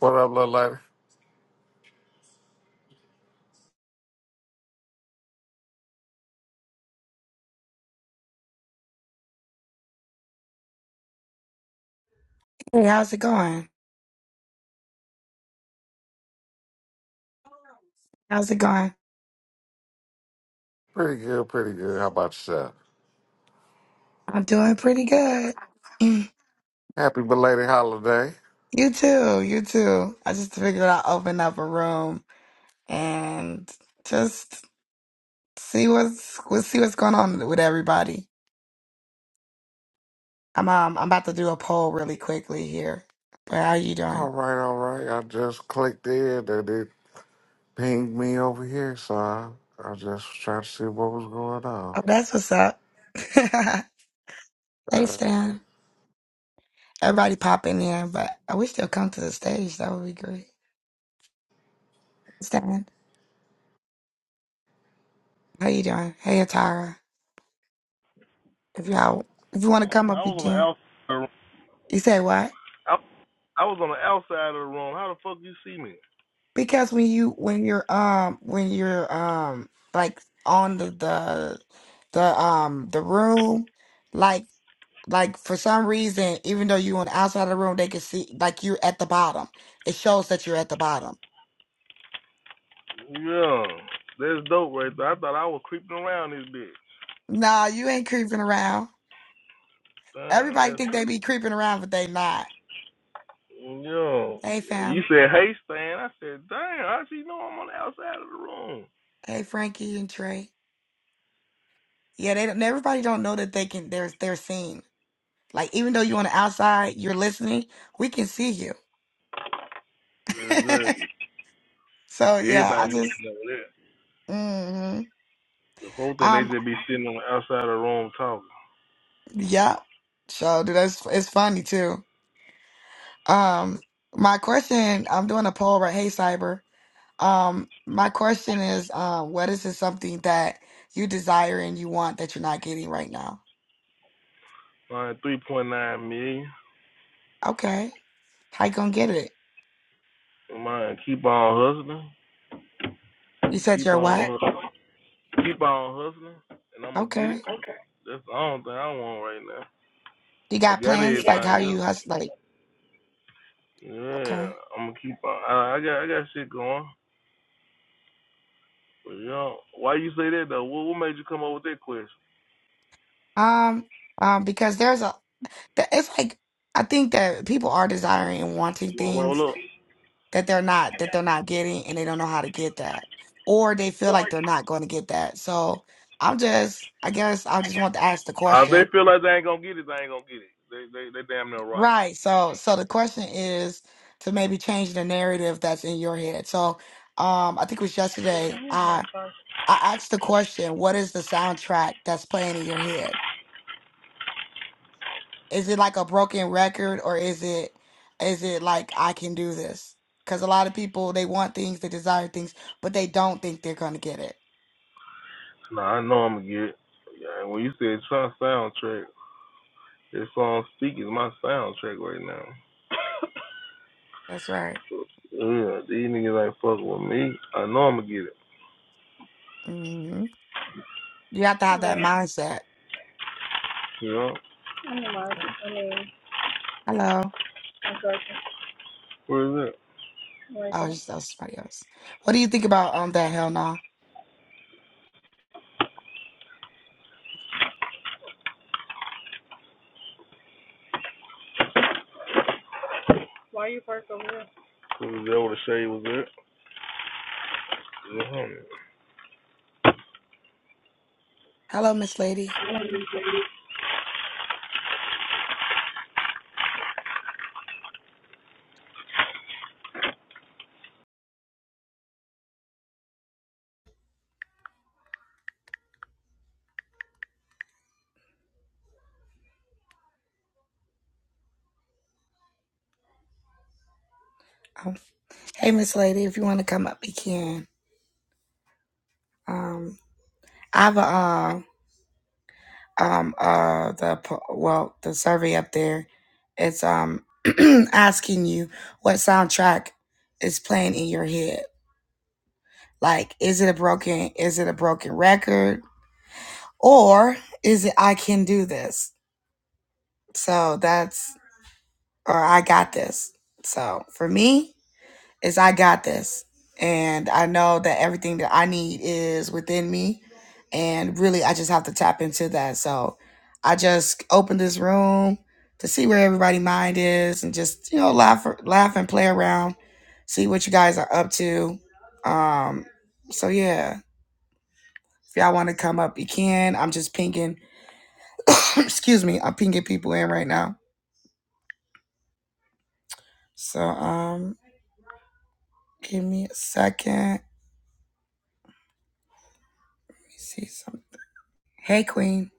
What up, little lady? Hey, how's it going? How's it going? Pretty good, pretty good. How about yourself? I'm doing pretty good. Mm. Happy belated holiday. You too, you too. I just figured I'll open up a room and just see what's we'll see what's going on with everybody. I'm um I'm about to do a poll really quickly here. But how you All doing? right, all right. I just clicked in that it pinged me over here, so I, I just tried to see what was going on. Oh, that's what's up. hey Uh, Stan. Everybody pop in here, but I wish they'll come to the stage. That would be great. Stan, how you doing? Hey Atara. If y'all if you wanna I come up was on the again. outside. You say what? I, I was on the outside of the room. How the fuck you see me? Because when you when you're um when you're um like on the the the um the room, like like for some reason, even though you're on the outside of the room, they can see like you're at the bottom. It shows that you're at the bottom. Yeah, that's dope right there. I thought I was creeping around this bitch. Nah, you ain't creeping around. Damn, Everybody that's think they be creeping around, but they not. yo. Hey You fam. said hey Stan. I said damn. How she know I'm on the outside of the room? Hey Frankie and Trey. Yeah, they don't everybody don't know that they can they're they're seen. Like even though you're on the outside, you're listening, we can see you. Exactly. So yeah, Everybody I looking just over there. hmm The whole thing they Um, just be sitting on the outside of the room talking. yeah. So dude, that's it's funny too. Um, my question, I'm doing a poll right. Hey, Cyber. Um, my question is, um, what is it something that you desire and you want that you're not getting right now? Mine three point nine million. Okay. How you gonna get it? Mine keep on You hustling. said Keep you're on what? hustling. Keep on hustling, and I'm gonna get it. Okay. Okay. That's the only thing I want right now. You I got got You plans? got Like everything. how you hus like Yeah, okay. I'm gonna keep on. I, I got I got shit going. But you know, why you say that though? What, what made you come up with that question? Um, um, because there's a th- it's like I think that people are desiring and wanting You wanna things roll up? that they're not that they're not getting and they don't know how to get that or they feel like they're not going to get that so i'm just i guess i just want to ask the Uh, if they question feel like they ain't gonna get it, they ain't gonna get it. They they they damn near right. right so so the question is to maybe change the narrative that's in your head so um i think it was yesterday i i asked the question what is the soundtrack that's playing in your head is it like a broken record or is it is it like i can do this because a lot of people they want things they desire things but they don't think they're going to get it No, Nah, I know I'm gonna get it. Yeah, when you said Trump soundtrack, this song Speak is my soundtrack right now. That's right. Yeah, these niggas ain't fucking with me. I know I'm gonna get it. hmm You have to have But that mindset. Yeah. I'm in Mar- I mean, Hello. I'm Georgia. Where is it? Where is Oh, it? just that was somebody else. What do you think about um that hell no? Why are you parked over there? Because they would have said It was there with the it? was on it. Hello, Miss Lady. Um, hey, Miss Lady, if you want to come up, you can. Um, I have a um um uh the po- well the survey up there. It's um asking you what soundtrack is playing in your head. Like, is it a broken? Is it a broken record? Or is it I can do this? So that's, or I got this. So for me, is I got this. And I know that everything that I need is within me. And really, I just have to tap into that. So I just opened this room to see where everybody' mind is and just, you know, laugh, laugh and play around, see what you guys are up to. Um, so yeah, if y'all want to come up, you can. I'm just pinging, excuse me, I'm pinging people in right now. So, um, Give me a second. Let me see some. Hey, Queen.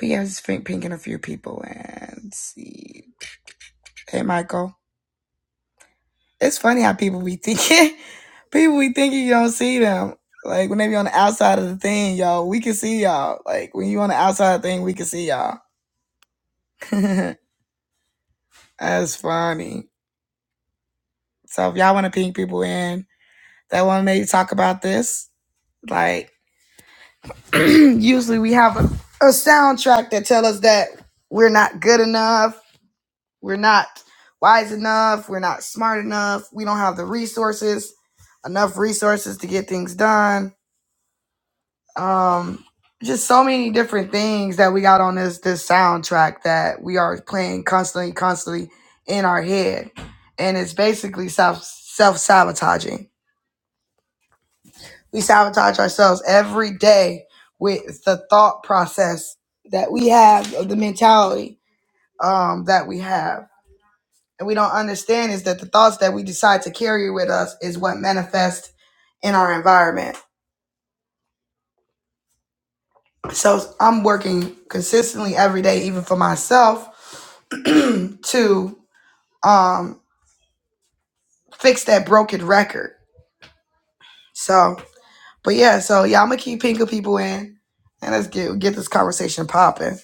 We have pink, pinking a few people and see. Hey, Michael. It's funny how people be thinking. people be thinking you don't see them. Like when they be on the outside of the thing, y'all, we can see y'all. Like when you on the outside of the thing, we can see y'all. That's funny. So if y'all want to ping people in that want to maybe talk about this, like usually we have a, a soundtrack that tell us that we're not good enough We're not wise enough. We're not smart enough. We don't have the resources, enough resources to get things done. Um, just so many different things that we got on this this soundtrack that we are playing constantly, constantly in our head, and it's basically self self sabotaging. We sabotage ourselves every day with the thought process that we have of the mentality um, that we have and we don't understand is that the thoughts that we decide to carry with us is what manifest in our environment. So I'm working consistently every day, even for myself, to um, fix that broken record. So But yeah, so yeah, I'm gonna keep pinking people in, and let's get get this conversation popping.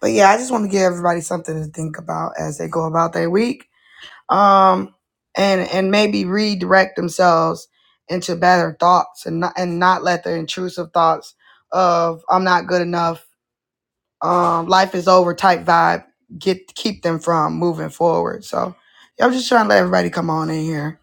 But yeah, I just want to give everybody something to think about as they go about their week. um, and and maybe redirect themselves into better thoughts and not and not let the intrusive thoughts of I'm not good enough, um, life is over type vibe get keep them from moving forward. So yeah, I'm just trying to let everybody come on in here.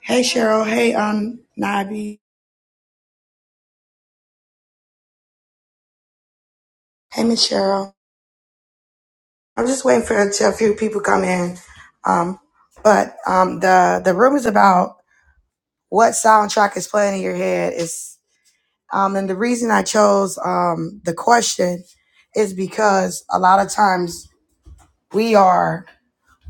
Hey Cheryl, hey um Nabi, hey Miss Cheryl. I'm just waiting for until a few people come in. Um, but um the the room is about what soundtrack is playing in your head is Um, and the reason I chose um, the question is because a lot of times we are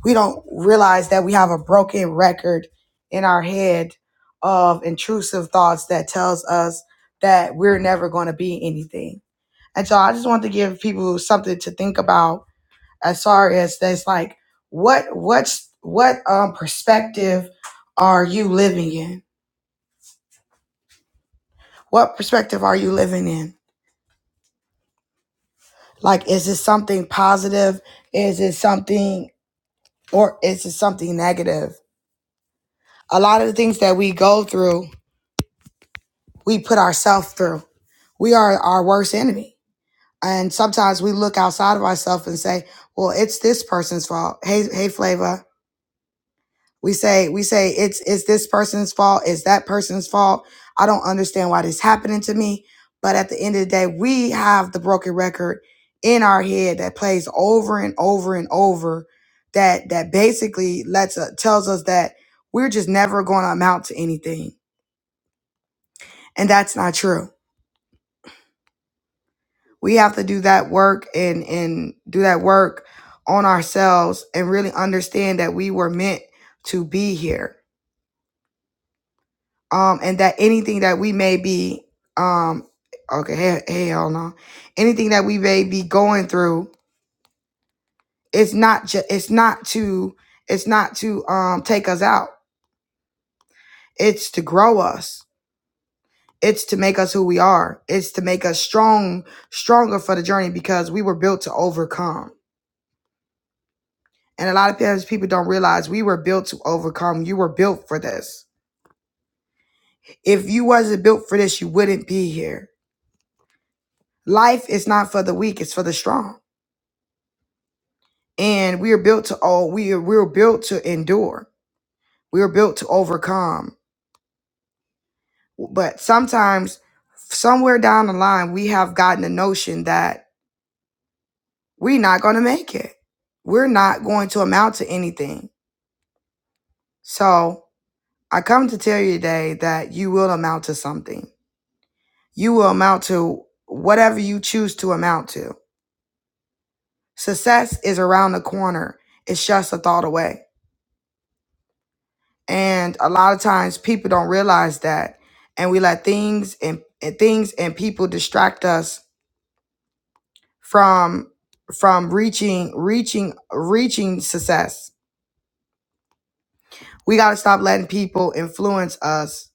we don't realize that we have a broken record in our head of intrusive thoughts that tells us that we're never going to be anything. And so I just want to give people something to think about as far as that's like what what's what um, perspective are you living in? What perspective are you living in? Like, is it something positive? Is it something, or is it something negative? A lot of the things that we go through, we put ourselves through. We are our worst enemy. And sometimes we look outside of ourselves and say, well, it's this person's fault. Hey, hey, Flava. We say we say it's it's this person's fault, it's that person's fault. I don't understand why this is happening to me. But at the end of the day, we have the broken record in our head that plays over and over and over that that basically lets us tells us that we're just never going to amount to anything. And that's not true. We have to do that work and and do that work on ourselves and really understand that we were meant to be here um, and that anything that we may be, um, okay, hey, hey, hold on, anything that we may be going through, it's not just, it's not to, it's not to um take us out. It's to grow us. It's to make us who we are. It's to make us strong, stronger for the journey because we were built to overcome. And a lot of times people don't realize we were built to overcome. You were built for this. If you wasn't built for this, you wouldn't be here. Life is not for the weak, it's for the strong. and we are built to all we are we're built to endure we are built to overcome but sometimes somewhere down the line we have gotten the notion that we're not going to make it we're not going to amount to anything so i come to tell you today that you will amount to something you will amount to whatever you choose to amount to success is around the corner it's just a thought away and a lot of times people don't realize that and we let things and, and things and people distract us from from reaching reaching reaching success we got to stop letting people influence us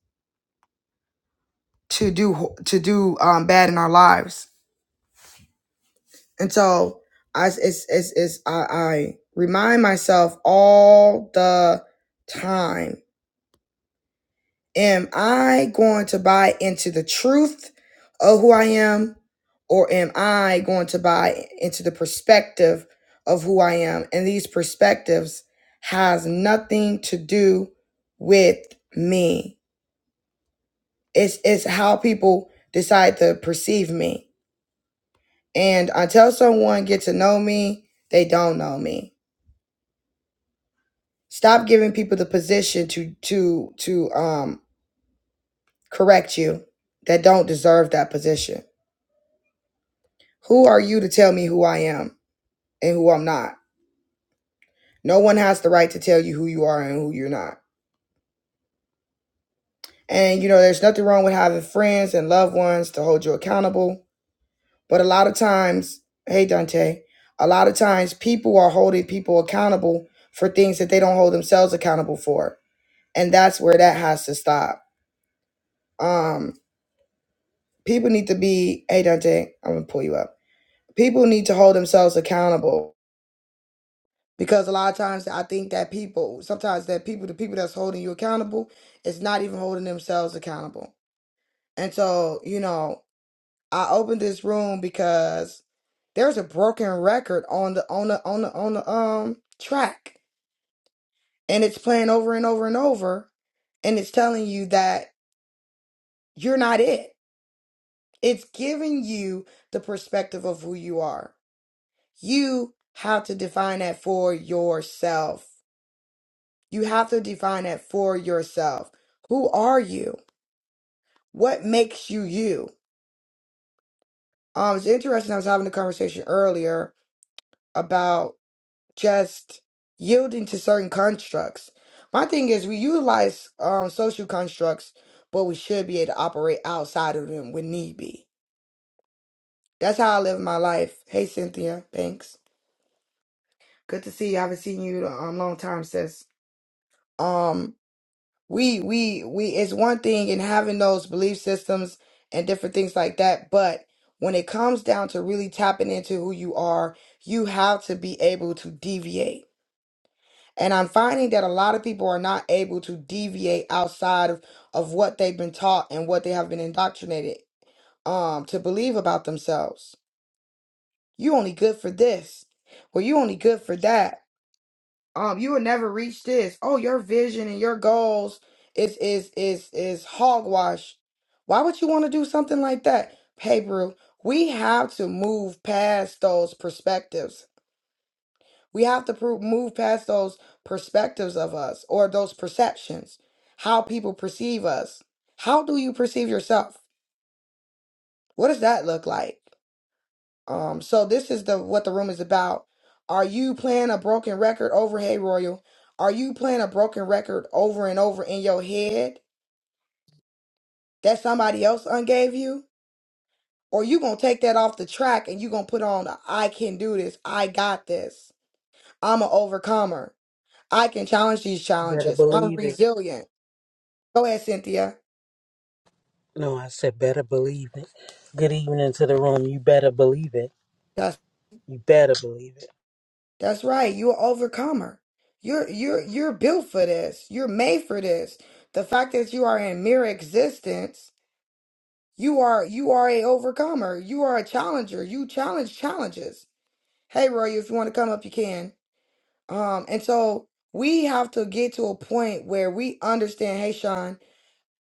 to do to do um, bad in our lives and so i it's it's, it's I, I remind myself all the time Am I going to buy into the truth of who I am, or am I going to buy into the perspective of who I am? And these perspectives has nothing to do with me. It's it's how people decide to perceive me. And until someone gets to know me, they don't know me. Stop giving people the position to to to um correct you that don't deserve that position Who are you to tell me who I am and who I'm not? No one has the right to tell you who you are and who you're not. And you know, there's nothing wrong with having friends and loved ones to hold you accountable. But a lot of times, hey Dante, a lot of times people are holding people accountable for things that they don't hold themselves accountable for. And that's where that has to stop. Um, people need to be, hey Dante, I'm gonna pull you up. People need to hold themselves accountable because a lot of times I think that people sometimes that people the people that's holding you accountable is not even holding themselves accountable. And so, you know, I opened this room because there's a broken record on the on the on the on the um track and it's playing over and over and over and it's telling you that you're not it. It's giving you the perspective of who you are. You have to define that for yourself. You have to define it for yourself. Who are you? What makes you you? Um, it's interesting. I was having a conversation earlier about just yielding to certain constructs. My thing is, we utilize um, social constructs, but we should be able to operate outside of them when need be. That's how I live my life. Hey, Cynthia, thanks. Good to see you. I haven't seen you in a um, long time, sis. Um, we we we it's one thing in having those belief systems and different things like that but when it comes down to really tapping into who you are you have to be able to deviate and i'm finding that a lot of people are not able to deviate outside of, of what they've been taught and what they have been indoctrinated um to believe about themselves you only good for this or you only good for that um you will never reach this oh your vision and your goals is is is is hogwash why would you want to do something like that hey bro we have to move past those perspectives we have to pro- move past those perspectives of us or those perceptions how people perceive us how do you perceive yourself what does that look like Um, so this is the what the room is about. Are you playing a broken record over Hey Royal? Are you playing a broken record over and over in your head that somebody else ungave you? Or you gonna take that off the track and you gonna put on a, I can do this, I got this, I'm an overcomer, I can challenge these Better challenges, I'm believe it. resilient. Go ahead, Cynthia. No, I said better believe it. Good evening to the room. You better believe it. That's You better believe it. that's right, you're an overcomer. You're you're you're built for this, you're made for this. The fact that you are in mere existence You are you are a overcomer. You are a challenger. You challenge challenges. Hey Roy, if you want to come up, you can. Um, and so we have to get to a point where we understand, hey Sean,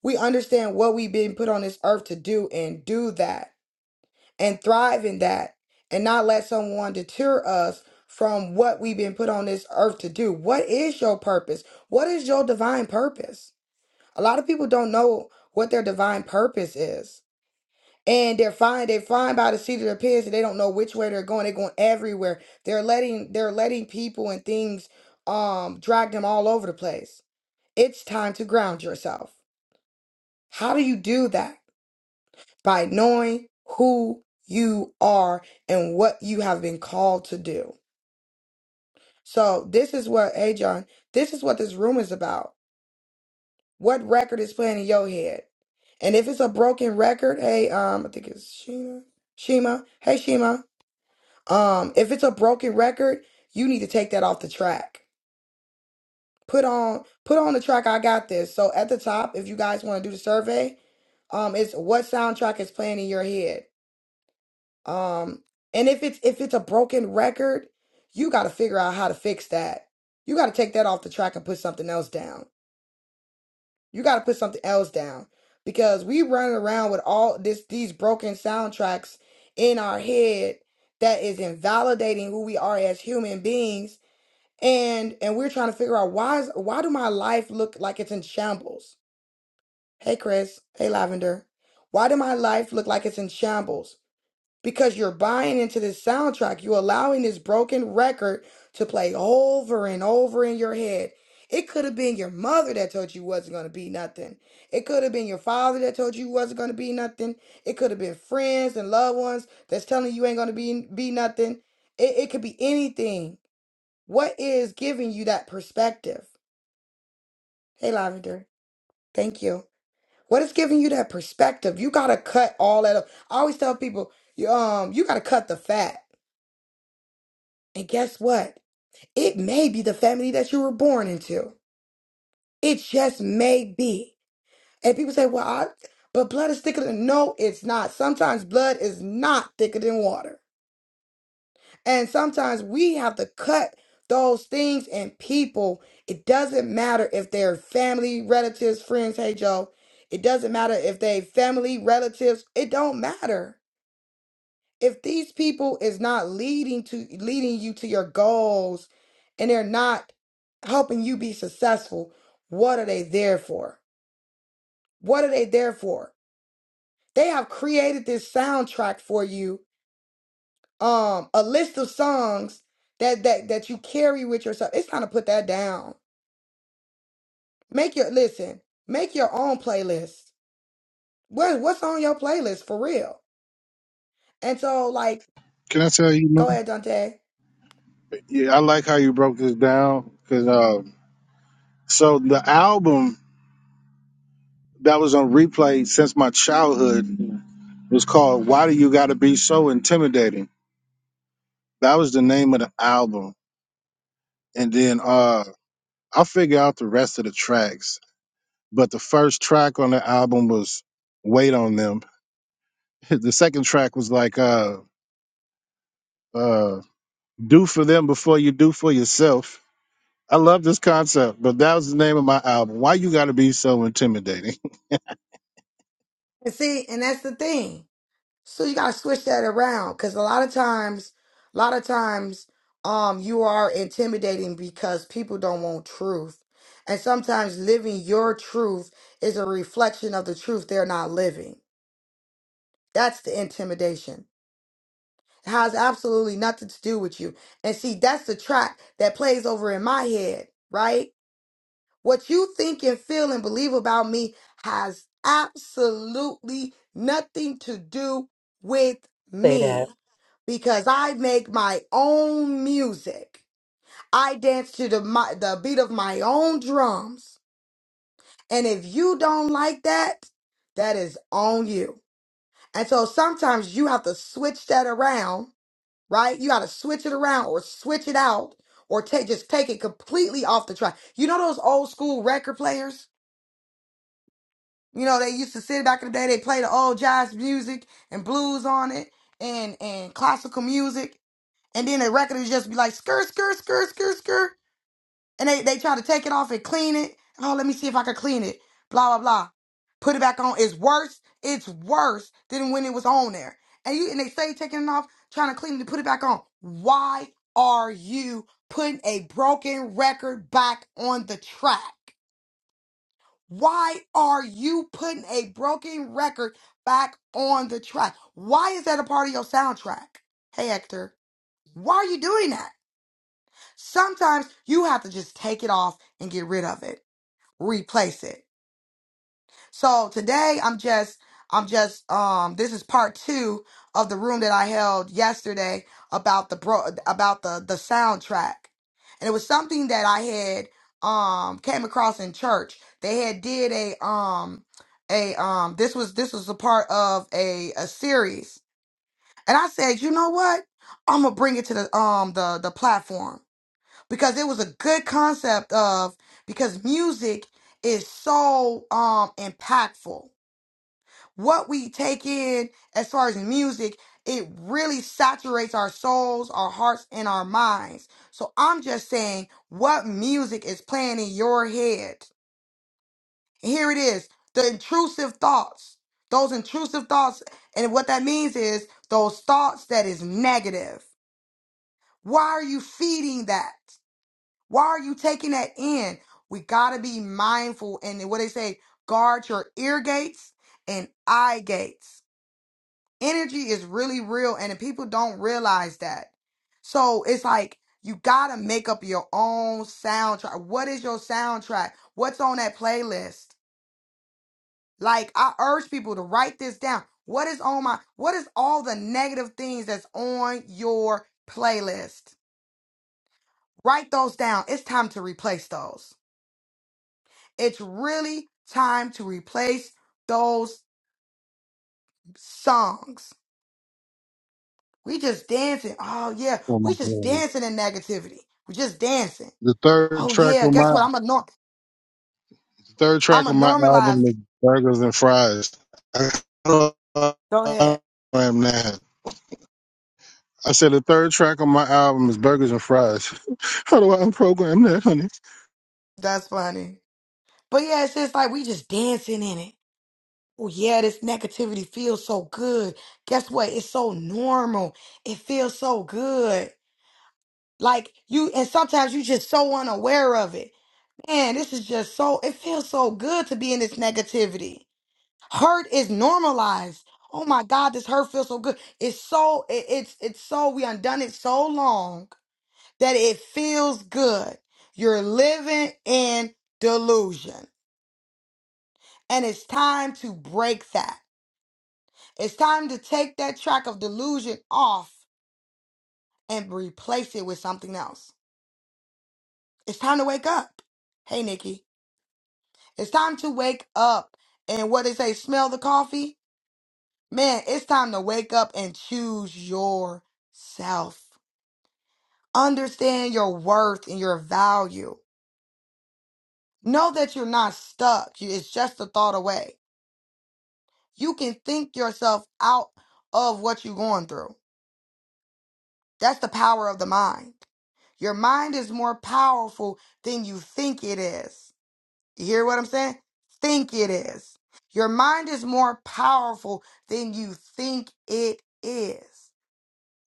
we understand what we've been put on this earth to do and do that and thrive in that and not let someone deter us from what we've been put on this earth to do. What is your purpose? What is your divine purpose? A lot of people don't know what their divine purpose is and they're fine they're fine by the seat of their pants and they don't know which way they're going they're going everywhere they're letting they're letting people and things um drag them all over the place it's time to ground yourself how do you do that by knowing who you are and what you have been called to do so this is what hey john this is what this room is about what record is playing in your head and if it's a broken record hey um i think it's sheena shima hey shima Um, if it's a broken record, you need to take that off the track. Put on put on the track I got this. So at the top, if you guys want to do the survey, um it's what soundtrack is playing in your head. Um and if it's if it's a broken record, you got to figure out how to fix that. You got to take that off the track and put something else down. You got to put something else down because we running around with all this these broken soundtracks in our head that is invalidating who we are as human beings and and we're trying to figure out why is why do my life look like it's in shambles hey chris hey lavender why do my life look like it's in shambles because you're buying into this soundtrack you're allowing this broken record to play over and over in your head it could have been your mother that told you wasn't going to be nothing it could have been your father that told you wasn't going to be nothing it could have been friends and loved ones that's telling you ain't going to be be nothing it, it could be anything what is giving you that perspective? Hey, Lavender, thank you. What is giving you that perspective? You gotta cut all that up. I always tell people, you, um, you gotta cut the fat. And guess what? It may be the family that you were born into. It just may be. And people say, well, I, but blood is thicker than. No, it's not. Sometimes blood is not thicker than water. And sometimes we have to cut those things and people. It doesn't matter if they're family, relatives, friends. Hey, Joe. It doesn't matter if they family, relatives. It don't matter. If these people is not leading to leading you to your goals and they're not helping you be successful, what are they there for? What are they there for? They have created this soundtrack for you um a list of songs that that that you carry with yourself. It's time to put that down. Make your listen. Make your own playlist. What what's on your playlist for real? And so like, Can I tell you? go man? ahead, Dante. Yeah, I like how you broke this down because um, so the album that was on replay since my childhood was called "Why Do You Got to Be So Intimidating." That was the name of the album, and then uh, I figure out the rest of the tracks. But the first track on the album was "Wait on Them." The second track was like uh, uh, "Do for Them Before You Do for Yourself." I love this concept, but that was the name of my album. Why you got to be so intimidating? And see, and that's the thing. So you gotta switch that around because a lot of times, a lot of times, um, you are intimidating because people don't want truth. And sometimes living your truth is a reflection of the truth they're not living. That's the intimidation has absolutely nothing to do with you. And see, that's the track that plays over in my head, right? What you think and feel and believe about me has absolutely nothing to do with Say that. me because I make my own music. I dance to the my, the beat of my own drums. And if you don't like that, that is on you. And so sometimes you have to switch that around right? You got to switch it around or switch it out or take just take it completely off the track. You know those old school record players? You know they used to sit back in the day. They play the old jazz music and blues on it and and classical music, and then the record would just be like skr skr skr skr skr and they, they try to take it off and clean it. Oh, let me see if I can clean it. Blah blah blah. Put it back on. It's worse. It's worse than when it was on there. And you and they say taking it off, trying to clean it, put it back on. Why are you putting a broken record back on the track? Why are you putting a broken record back on the track? Why is that a part of your soundtrack? Hey Hector, why are you doing that? Sometimes you have to just take it off and get rid of it replace it. So today I'm just I'm just um this is part 2 of the room that I held yesterday about the bro about the the soundtrack. And it was something that I had um came across in church. They had did a um a um this was this was a part of a a series. And I said, "You know what? I'm going to bring it to the um the the platform." because it was a good concept of because music is so um impactful. What we take in as far as music, it really saturates our souls, our hearts, and our minds. So I'm just saying what music is playing in your head. Here it is, the intrusive thoughts. Those intrusive thoughts, and what that means is those thoughts that is negative. Why are you feeding that? Why are you taking that in? We got to be mindful. And what they say, guard your ear gates and eye gates. Energy is really real, and the people don't realize that. So it's like you got to make up your own soundtrack. What is your soundtrack? What's on that playlist? Like, I urge people to write this down. What is on my, what is all the negative things that's on your playlist? Write those down. It's time to replace those. It's really time to replace those songs. We just dancing. Oh yeah, Oh my we just God. dancing in negativity. We just dancing. The third Oh track yeah, on guess my what? I'm a norm. the third I'm track a on my normalize. album is Burgers and Fries. I I Go ahead. I am that. I said the third track on my album is Burgers and Fries. How do I unprogram that, honey? That's funny. But yeah, it's just like we just dancing in it. Oh yeah, this negativity feels so good. Guess what? It's so normal. It feels so good. Like you, and sometimes you just so unaware of it. Man, this is just so, it feels so good to be in this negativity. Hurt is normalized. Oh my God, this hurt feels so good. It's so, it, it's, it's so, we undone it so long that it feels good. You're living in delusion. And it's time to break that. It's time to take that track of delusion off and replace it with something else. It's time to wake up. Hey, Nikki. It's time to wake up. And what they say, smell the coffee? Man, it's time to wake up and choose yourself. Understand your worth and your value. Know that you're not stuck. You- It's just a thought away. You can think yourself out of what you're going through. That's the power of the mind. Your mind is more powerful than you think it is. You hear what I'm saying? Think it is. Your mind is more powerful than you think it is.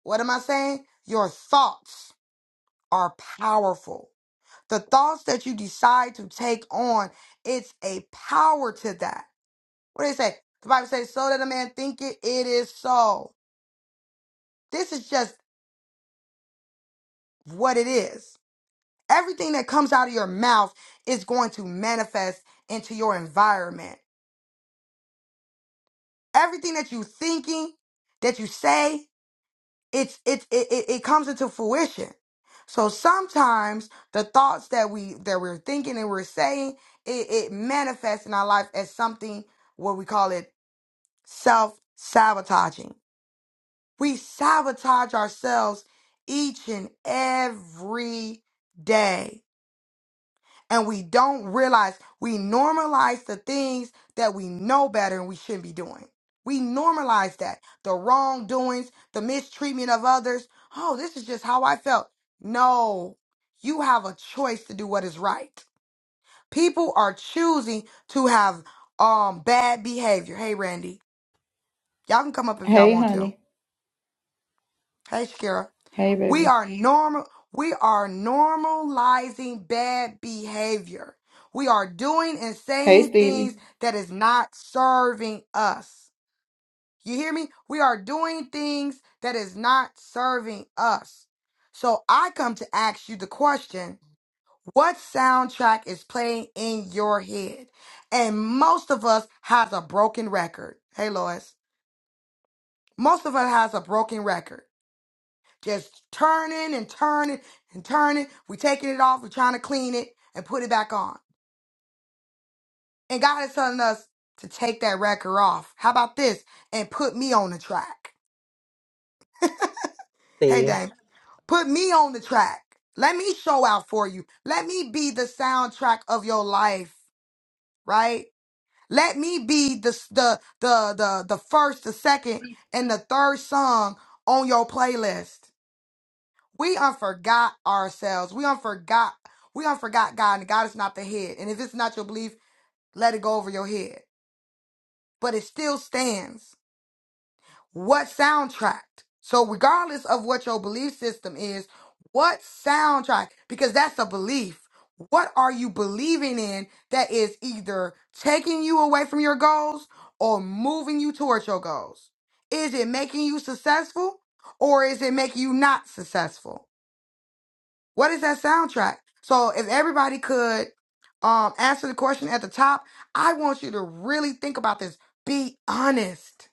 What am I saying? Your thoughts. are powerful. The thoughts that you decide to take on, it's a power to that. What do they say? The Bible says, so that a man think it, it is so. This is just what it is. Everything that comes out of your mouth is going to manifest into your environment. Everything that you thinking, that you say, it's it it, it it comes into fruition so sometimes the thoughts that we that we're thinking and we're saying it, it manifests in our life as something what we call it self-sabotaging we sabotage ourselves each and every day and we don't realize we normalize the things that we know better and we shouldn't be doing. We normalize that the wrongdoings, the mistreatment of others. Oh, this is just how I felt. No, you have a choice to do what is right. People are choosing to have um bad behavior. Hey, Randy, y'all can come up if y'all Hey, want to. honey. Hey, Shakira. Hey, We baby. are normal. We are normalizing bad behavior. We are doing and Hey, saying Stevie. things that is not serving us. You hear me? We are doing things that is not serving us. So I come to ask you the question, what soundtrack is playing in your head? And most of us has a broken record. Hey Lois. Most of us has a broken record just turning and turning and turning. We're taking it off. We're trying to clean it and put it back on. And God is telling us to take that record off. How about this? And put me on the track. Hey, See? Dame, put me on the track. Let me show out for you. Let me be the soundtrack of your life, right? Let me be the the the the, the first, the second, and the third song on your playlist. we unforgot ourselves. We unforgot. We unforgot God, and God is not the head. And if it's not your belief, let it go over your head. But it still stands. What soundtrack? So regardless of what your belief system is, what soundtrack? Because that's a belief. What are you believing in that is either taking you away from your goals or moving you towards your goals? Is it making you successful or is it making you not successful? What is that soundtrack? So if everybody could um answer the question at the top, I want you to really think about this. Be honest.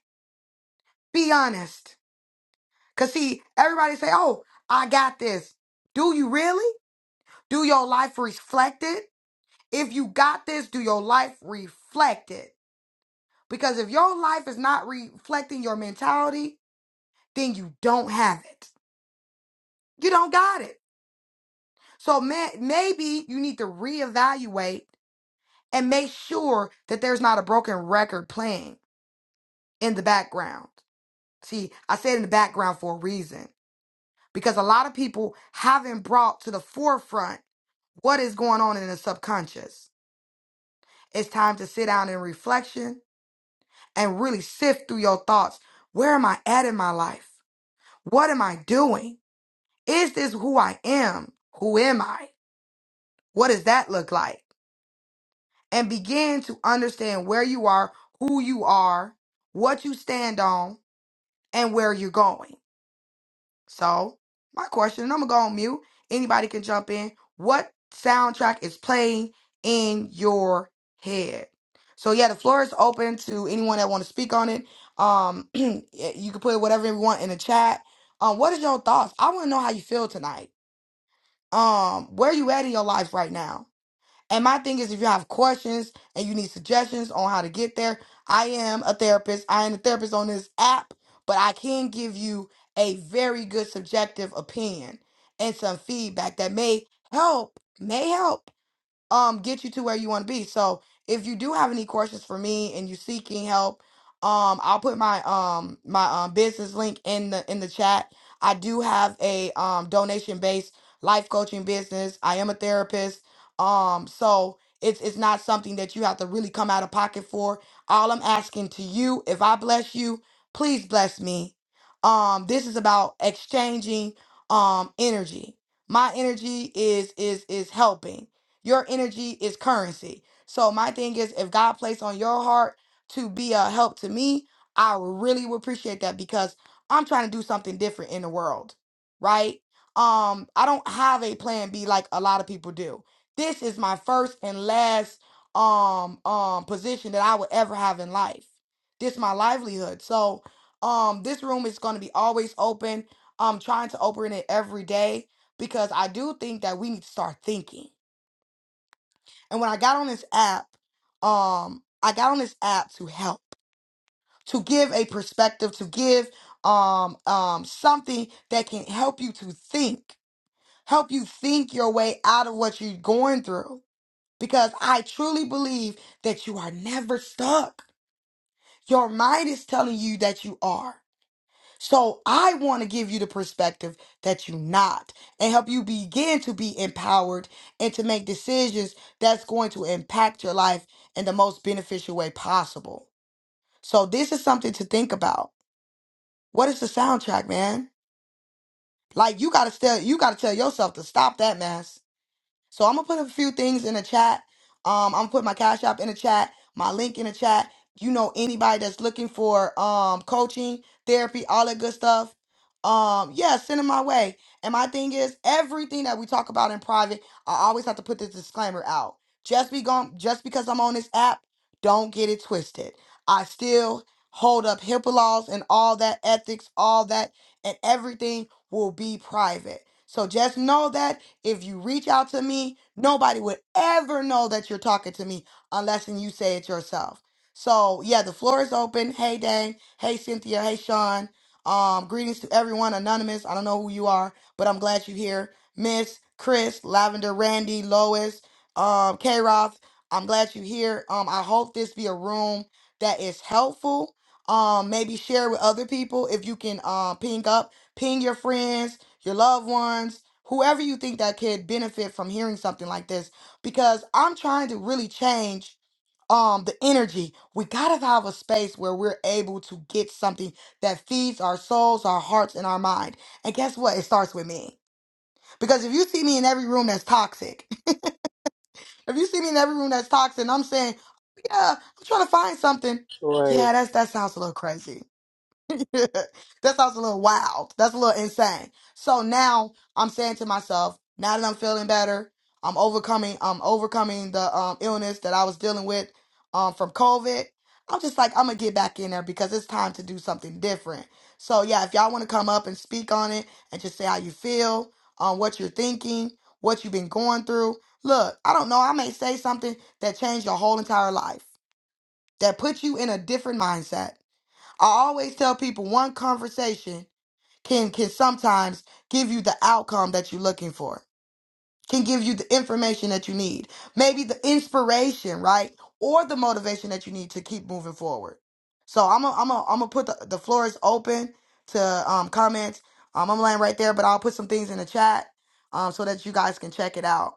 Be honest. Cause see, everybody say, Oh, I got this. Do you really? Do your life reflect it? If you got this, do your life reflect it? Because if your life is not reflecting your mentality, then you don't have it. You don't got it. So ma- maybe you need to reevaluate and make sure that there's not a broken record playing in the background. See, I said in the background for a reason because a lot of people haven't brought to the forefront what is going on in the subconscious. It's time to sit down in reflection and really sift through your thoughts. Where am I at in my life? What am I doing? Is this who I am? Who am I? What does that look like? And begin to understand where you are, who you are, what you stand on, and where you're going. So, my question, and I'm gonna go on mute. Anybody can jump in. What soundtrack is playing in your head? So yeah, the floor is open to anyone that want to speak on it. Um, you can put whatever you want in the chat. Um, what is your thoughts? I want to know how you feel tonight. Um, where you at in your life right now? And my thing is, if you have questions and you need suggestions on how to get there, I am a therapist. I am a therapist on this app, but I can give you a very good subjective opinion and some feedback that may help, may help um get you to where you want to be. So if you do have any questions for me and you seeking help, um I'll put my um my um business link in the in the chat. I do have a um donation based life coaching business. I am a therapist. Um so it's it's not something that you have to really come out of pocket for. All I'm asking to you, if I bless you, please bless me. Um this is about exchanging um energy. My energy is is is helping your energy is currency. So my thing is, if God placed on your heart to be a help to me, I really would appreciate that because I'm trying to do something different in the world, right? Um, I don't have a plan B like a lot of people do. This is my first and last um um position that I would ever have in life. This my livelihood. So um this room is gonna be always open. I'm trying to open it every day because I do think that we need to start thinking. And when I got on this app, um, I got on this app to help, to give a perspective, to give um um something that can help you to think, help you think your way out of what you're going through. Because I truly believe that you are never stuck. Your mind is telling you that you are. So I want to give you the perspective that you're not and help you begin to be empowered and to make decisions that's going to impact your life in the most beneficial way possible. So this is something to think about. What is the soundtrack, man? Like you gotta tell you gotta tell yourself to stop that mess so I'm gonna put a few things in the chat. Um, I'm gonna put my cash app in the chat, my link in the chat. You know, anybody that's looking for um coaching, therapy, all that good stuff. Um, yeah, send it my way. And my thing is, everything that we talk about in private, I always have to put this disclaimer out. Just be gone, just because I'm on this app, don't get it twisted. I still hold up HIPAA laws and all that ethics, all that, and everything will be private. So just know that if you reach out to me, nobody would ever know that you're talking to me unless and you say it yourself. So yeah, the floor is open. Hey Dang, hey Cynthia, hey Sean. Um, greetings to everyone. Anonymous, I don't know who you are, but I'm glad you're here. Miss Chris, Lavender, Randy, Lois, um, K Roth. I'm glad you're here. Um, I hope this be a room that is helpful. Um, maybe share with other people if you can Um, ping up, ping your friends your loved ones, whoever you think that could benefit from hearing something like this, because I'm trying to really change um the energy. We gotta have a space where we're able to get something that feeds our souls, our hearts, and our mind. And guess what? It starts with me. Because if you see me in every room that's toxic, if you see me in every room that's toxic, and I'm saying, yeah, I'm trying to find something. Sure. Yeah, that's that sounds a little crazy. that sounds a little wild. That's a little insane. So now I'm saying to myself, now that I'm feeling better, I'm overcoming, I'm overcoming the um, illness that I was dealing with um, from COVID. I'm just like, I'm gonna get back in there because it's time to do something different. So yeah, if y'all want to come up and speak on it and just say how you feel, um, what you're thinking, what you've been going through. Look, I don't know. I may say something that changed your whole entire life, that put you in a different mindset I always tell people one conversation can can sometimes give you the outcome that you're looking for. Can give you the information that you need. Maybe the inspiration, right? Or the motivation that you need to keep moving forward. So I'm a, I'm a, I'm gonna put the, the floor is open to um comments. Um I'm laying right there, but I'll put some things in the chat um so that you guys can check it out.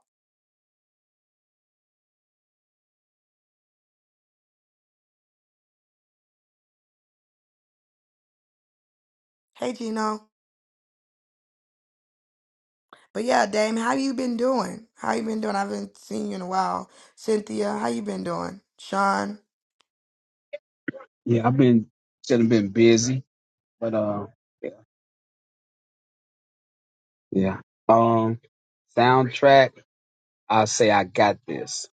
Hey Gino. But yeah, Dame, how you been doing? How you been doing? I haven't seen you in a while. Cynthia, how you been doing? Sean, Yeah, I've been should have been busy, but uh, yeah, yeah. Um, soundtrack. I say I got this.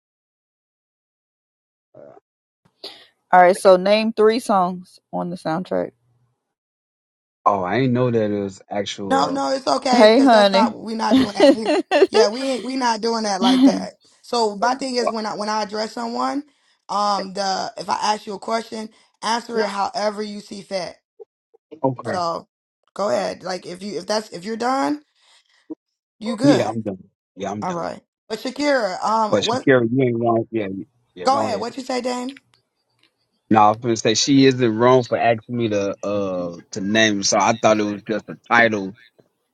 All right, so name three songs on the soundtrack. Oh, I ain't know that it was No, no, actual. it's okay Hey, because that's not honey. we're not doing that. We, yeah, we ain't we not doing that like no, that. So my thing is when I when I address someone, um, the if I ask you a question, answer it however you see fit. Uh, okay. So go ahead. Like if you if that's if you're done, you Yeah, good. I'm done. Yeah, I'm All done. right. But Shakira, um, But what? Shakira, you ain't wrong. Yeah, you- yeah. Go Go ahead. ahead. What you say, Dame? No, I was gonna say she isn't wrong for asking me to uh to name. it. So I thought it was just a title,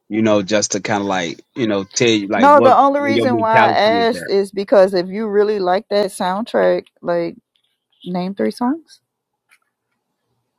you know, just to kind of like you know tell you like the what only your reason why I mentality is asked at. is because if you really like that soundtrack, like name three songs.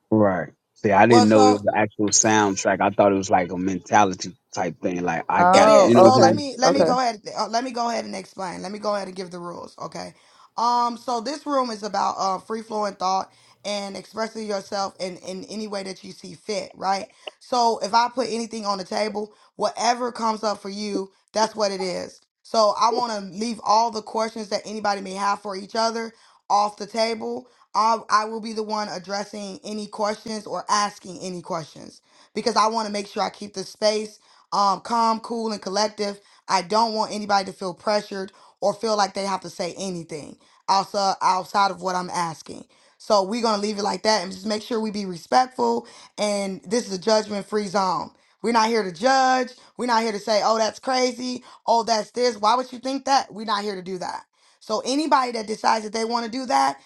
Right. See, I Well, didn't know it so was an actual soundtrack. I thought it was like a mentality type thing. Like I It got the, Oh, you is. know what I'm So let okay, saying? me let Yeah. me okay. go ahead uh, let me go ahead and explain. Let me go ahead and give the rules, okay? Um so this room is about uh free flowing thought and expressing yourself in in any way that you see fit, right? So if I put anything on the table, whatever comes up for you, that's what it is. So I want to leave all the questions that anybody may have for each other off the table. I, I will be the one addressing any questions or asking any questions because I want to make sure I keep the space um, calm, cool, and collective. I don't want anybody to feel pressured or feel like they have to say anything outside outside of what I'm asking. So we're gonna leave it like that and just make sure we be respectful. And this is a judgment free zone. We're not here to judge. We're not here to say, oh, that's crazy. Oh, that's this. Why would you think that? We're not here to do that. So anybody that decides that they want to do that,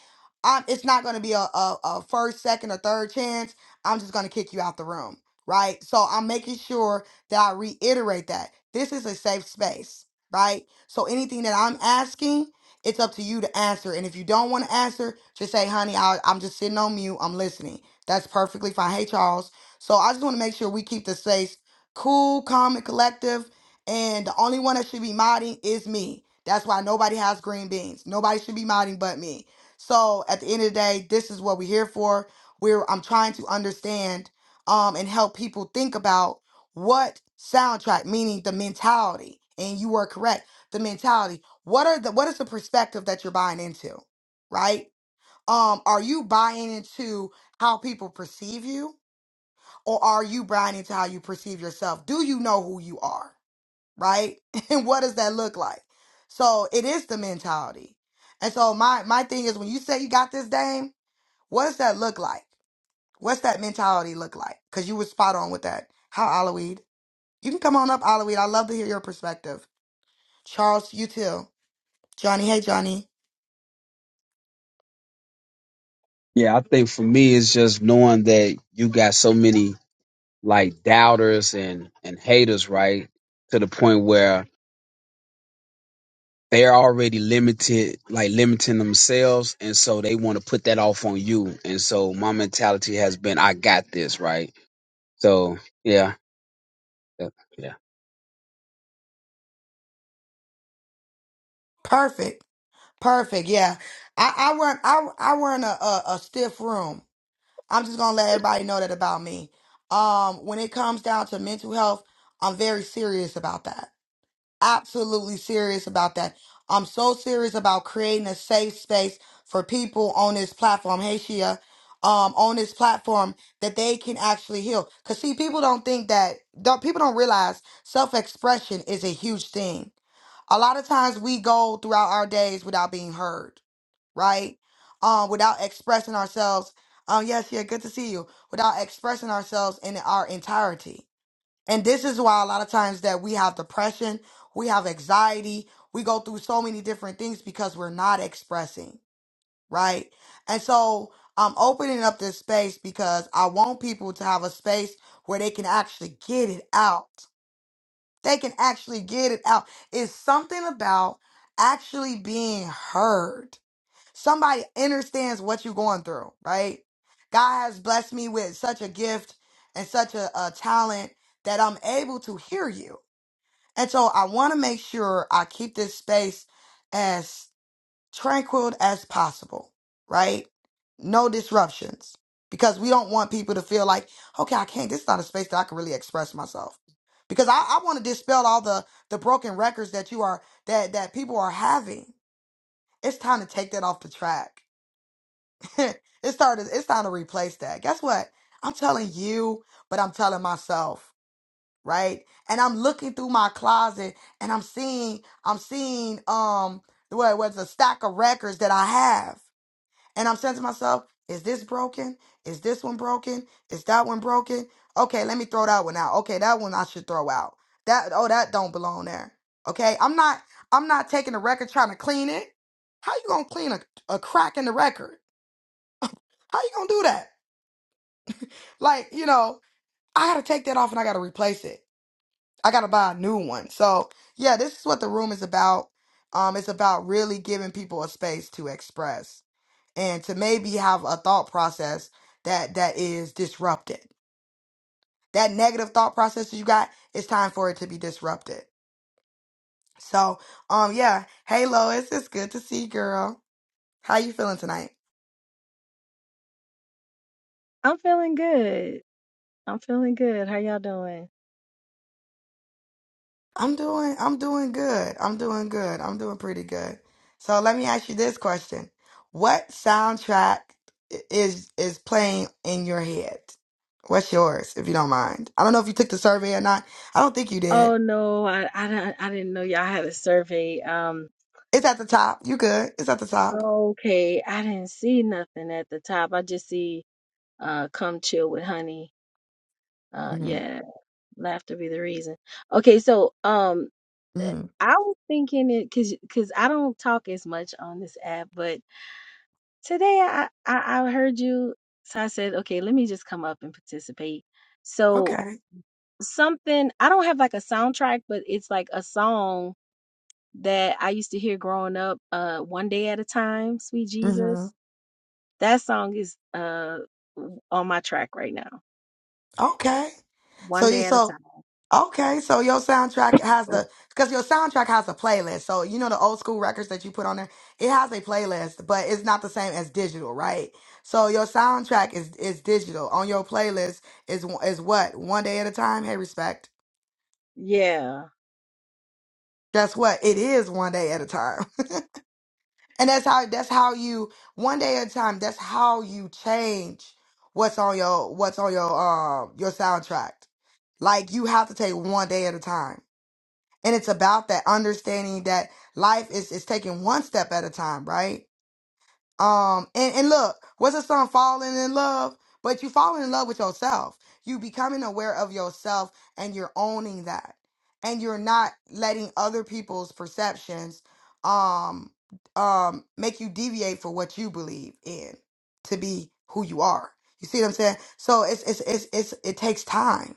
i it's not going to be a, a, a first, second, or third chance. I'm just going to kick you out the room, right? So I'm making sure that I reiterate that this is a safe space, right? So anything that I'm asking, it's up to you to answer. And if you don't want to answer, just say, honey, I, I'm just sitting on mute. I'm listening. That's perfectly fine. Hey, Charles. So I just want to make sure we keep the space cool, calm, and collective. And the only one that should be modding is me. That's why nobody has green beans. Nobody should be modding but me. So at the end of the day, this is what we're here for. We're I'm trying to understand um, and help people think about what soundtrack meaning the mentality and you were correct the mentality what are the what is the perspective that you're buying into right um are you buying into how people perceive you or are you buying into how you perceive yourself do you know who you are right and what does that look like so it is the mentality and so my my thing is when you say you got this dame what does that look like what's that mentality look like because you were spot on with that how Aloe? You can come on up, Olive. I love to hear your perspective. Charles, you too. Johnny, hey Johnny. Yeah, I think for me it's just knowing that you got so many like doubters and and haters, right? To the point where they're already limited, like limiting themselves, and so they want to put that off on you. And so my mentality has been, I got this, right? So yeah, yeah. yeah. Perfect. Perfect. Yeah. I, I run I I run a, a, a stiff room. I'm just gonna let everybody know that about me. Um, when it comes down to mental health, I'm very serious about that. absolutely serious about that. I'm so serious about creating a safe space for people on this platform, Hey Shia, um, on this platform that they can actually heal. Cause see, people don't think that don't, people don't realize self expression is a huge thing. A lot of times we go throughout our days without being heard, right? Um, without expressing ourselves. Um, yes, yeah, good to see you. Without expressing ourselves in our entirety and this is why a lot of times that we have depression, we have anxiety, we go through so many different things because we're not expressing, right? And so I'm opening up this space because I want people to have a space where they can actually get it out. They can actually get it out. It's something about actually being heard. Somebody understands what you're going through, right? God has blessed me with such a gift and such a, a talent that I'm able to hear you and so I want to make sure I keep this space as tranquil as possible, right? No disruptions because we don't want people to feel like, okay, I can't, this is not a space that I can really express myself. Because I, I want to dispel all the, the broken records that you are, that, that people are having. It's time to take that off the track. it's time to, it's time to replace that. Guess what? I'm telling you, but I'm telling myself right? And I'm looking through my closet and I'm seeing I'm seeing um what was a stack of records that I have. And I'm saying to myself, is this broken? Is this one broken? Is that one broken? Okay, let me throw that one out. Okay, that one I should throw out. That oh that don't belong there. Okay? I'm not I'm not taking the record trying to clean it. How you gonna clean a, a crack in the record? How you gonna do that? Like, you know, I gotta take that off and I gotta replace it. I gotta buy a new one. So yeah, this is what the room is about. Um, it's about really giving people a space to express and to maybe have a thought process that that is disrupted. That negative thought process that you got, it's time for it to be disrupted. So um yeah, hey Lois, it's good to see you, girl. How you feeling tonight? I'm feeling good. I'm feeling good. How y'all doing? I'm doing I'm doing good. I'm doing good. I'm doing pretty good. So let me ask you this question. What soundtrack i- is is playing in your head? What's yours, if you don't mind? I don't know if you took the survey or not. I don't think you did. Oh no, I I didn't I didn't know y'all had a survey. Um, It's at the top. You good. It's at the top. okay, I didn't see nothing at the top. I just see uh come chill with honey. Uh hmm yeah, laughter be the reason. Okay, so um uh, hmm I was thinking it cuz cuz I don't talk as much on this app, but today I I, I heard you so I said, "Okay, let me just come up and participate." So, Okay. something I don't have like a soundtrack, but it's like a song that I used to hear growing up, uh One Day at a Time, Sweet hmm Jesus. That song is uh on my track right now. Okay. One So you Day at a so Time. Okay, so your soundtrack has the because your soundtrack has a playlist. So you know the old school records that you put on there, it has a playlist, but it's not the same as digital, right? So your soundtrack is is digital. On your playlist is is what one day at a time. Hey, respect. Yeah. That's what it is. One day at a time, and that's how that's how you one day at a time. That's how you change what's on your what's on your um your soundtrack. Like you have to take one day at a time. and it's about that understanding that life is is taking one step at a time, right? Um, and and look, what's the song? Falling in love, but you falling in love with yourself. You becoming aware of yourself, and you're owning that, and you're not letting other people's perceptions, um, um, make you deviate for what you believe in to be who you are. You see what I'm saying? So it's it's it's, it's it takes time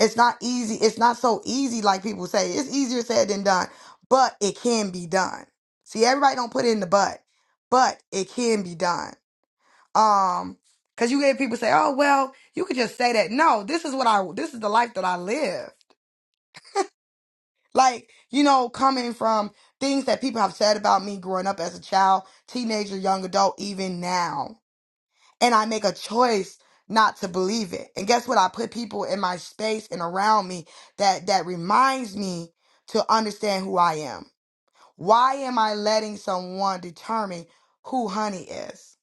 it's not easy. It's not so easy like people say. It's easier said than done, but it can be done. See, everybody don't put in the but, but it can be done. Um, cause you get people say, "Oh, well, you could just say that." No, this is what I. This is the life that I lived. Like you know, coming from things that people have said about me growing up as a child, teenager, young adult, even now and I make a choice not to believe it. And guess what? I put people in my space and around me that that reminds me to understand who I am. Why am I letting someone determine who honey is?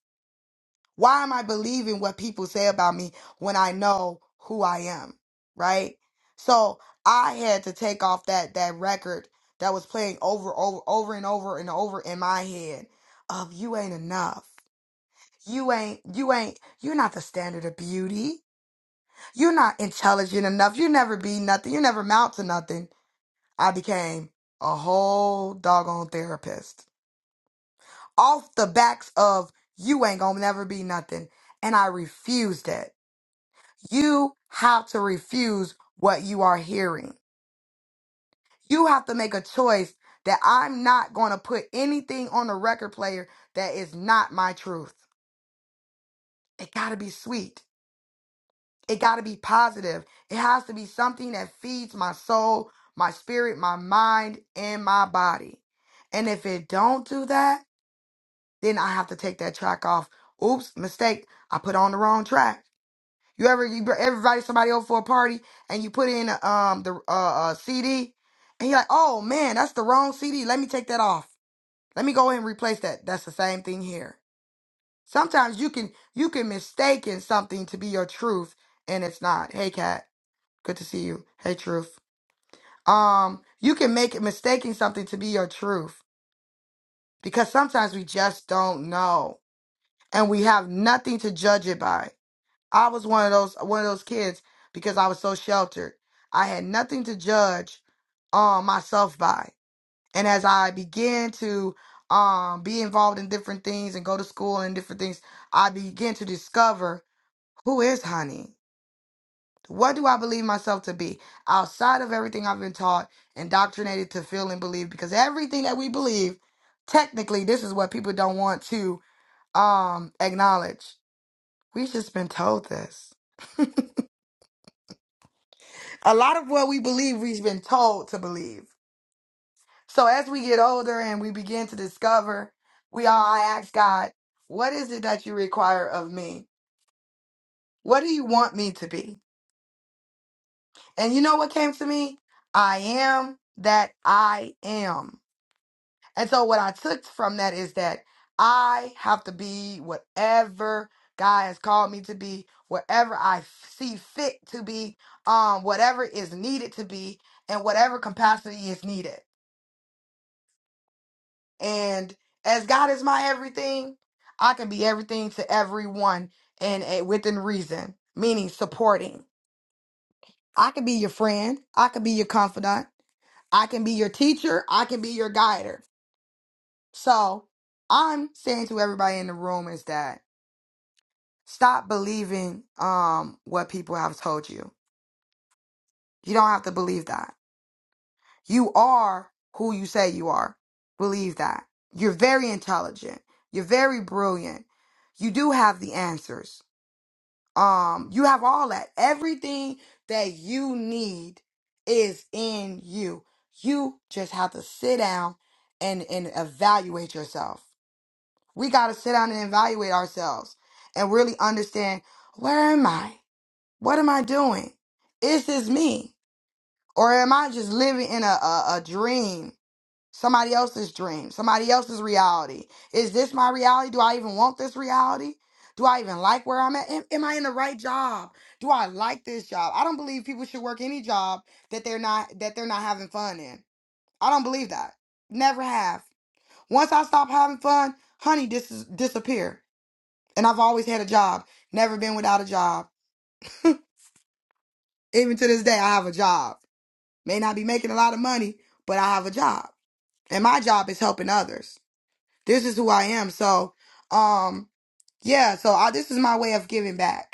Why am I believing what people say about me when I know who I am? Right? So I had to take off that that record that was playing over over over and over and over in my head of you ain't enough. You ain't, you ain't, you're not the standard of beauty. You're not intelligent enough. You never be nothing. You never amount to nothing. I became a whole doggone therapist off the backs of you ain't gonna never be nothing. And I refuse that. You have to refuse what you are hearing. You have to make a choice that I'm not gonna put anything on the record player that is not my truth. It gotta be sweet. It got to be positive. It has to be something that feeds my soul, my spirit, my mind, and my body. And if it don't do that, then I have to take that track off. Oops, mistake. I put on the wrong track. You ever you br- everybody somebody over for a party and you put in um the uh, uh CD and you're like, "Oh man, that's the wrong CD. Let me take that off. Let me go ahead and replace that." That's the same thing here. Sometimes you can you can mistaken something to be your truth and it's not. Hey, cat. Good to see you. Hey, truth. Um, you can make it mistaking something to be your truth because sometimes we just don't know and we have nothing to judge it by. I was one of those one of those kids because I was so sheltered. I had nothing to judge um myself by. And as I began to um be involved in different things and go to school and different things, I began to discover who is honey. What do I believe myself to be outside of everything I've been taught, indoctrinated to feel and believe? Because everything that we believe, technically, this is what people don't want to um, acknowledge. We've just been told this. A lot of what we believe, we've been told to believe. So as we get older and we begin to discover, we all I ask God, what is it that you require of me? What do you want me to be? And you know what came to me? I am that I am. And so what I took from that is that I have to be whatever God has called me to be, wherever I f- see fit to be, um, whatever is needed to be, and whatever capacity is needed. And as God is my everything, I can be everything to everyone and a, within reason, meaning supporting. I can be your friend. I can be your confidant. I can be your teacher. I can be your guider. So I'm saying to everybody in the room is that Stop believing um what people have told you. You don't have to believe that. You are who you say you are. Believe that. You're very intelligent. You're very brilliant. You do have the answers. Um you have all that. Everything that you need is in you. You just have to sit down and and evaluate yourself. We got to sit down and evaluate ourselves and really understand where am I? What am I doing? Is this me? Or am I just living in a, a, a dream? Somebody else's dream, somebody else's reality. Is this my reality? Do I even want this reality? Do I even like where I'm at? Am, am I in the right job? Do I like this job? I don't believe people should work any job that they're not that they're not having fun in. I don't believe that. Never have. Once I stop having fun, honey, this is disappear. And I've always had a job. Never been without a job. Even to this day, I have a job. May not be making a lot of money, but I have a job. And my job is helping others. This is who I am. So, um, yeah, so I, this is my way of giving back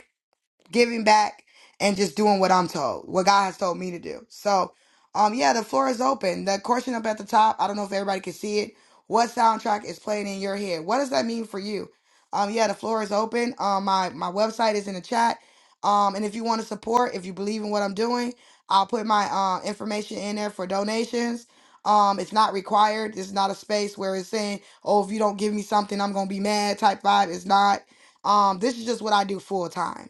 giving back and just doing what I'm told, what God has told me to do. So, um, yeah, the floor is open. The question up at the top, I don't know if everybody can see it. What soundtrack is playing in your head? What does that mean for you? Um, yeah, the floor is open. Um, my my website is in the chat. Um, and if you want to support, if you believe in what I'm doing, I'll put my uh, information in there for donations. Um, it's not required. It's not a space where it's saying, "Oh, if you don't give me something, I'm gonna be mad." Type vibe. It's not. Um, this is just what I do full time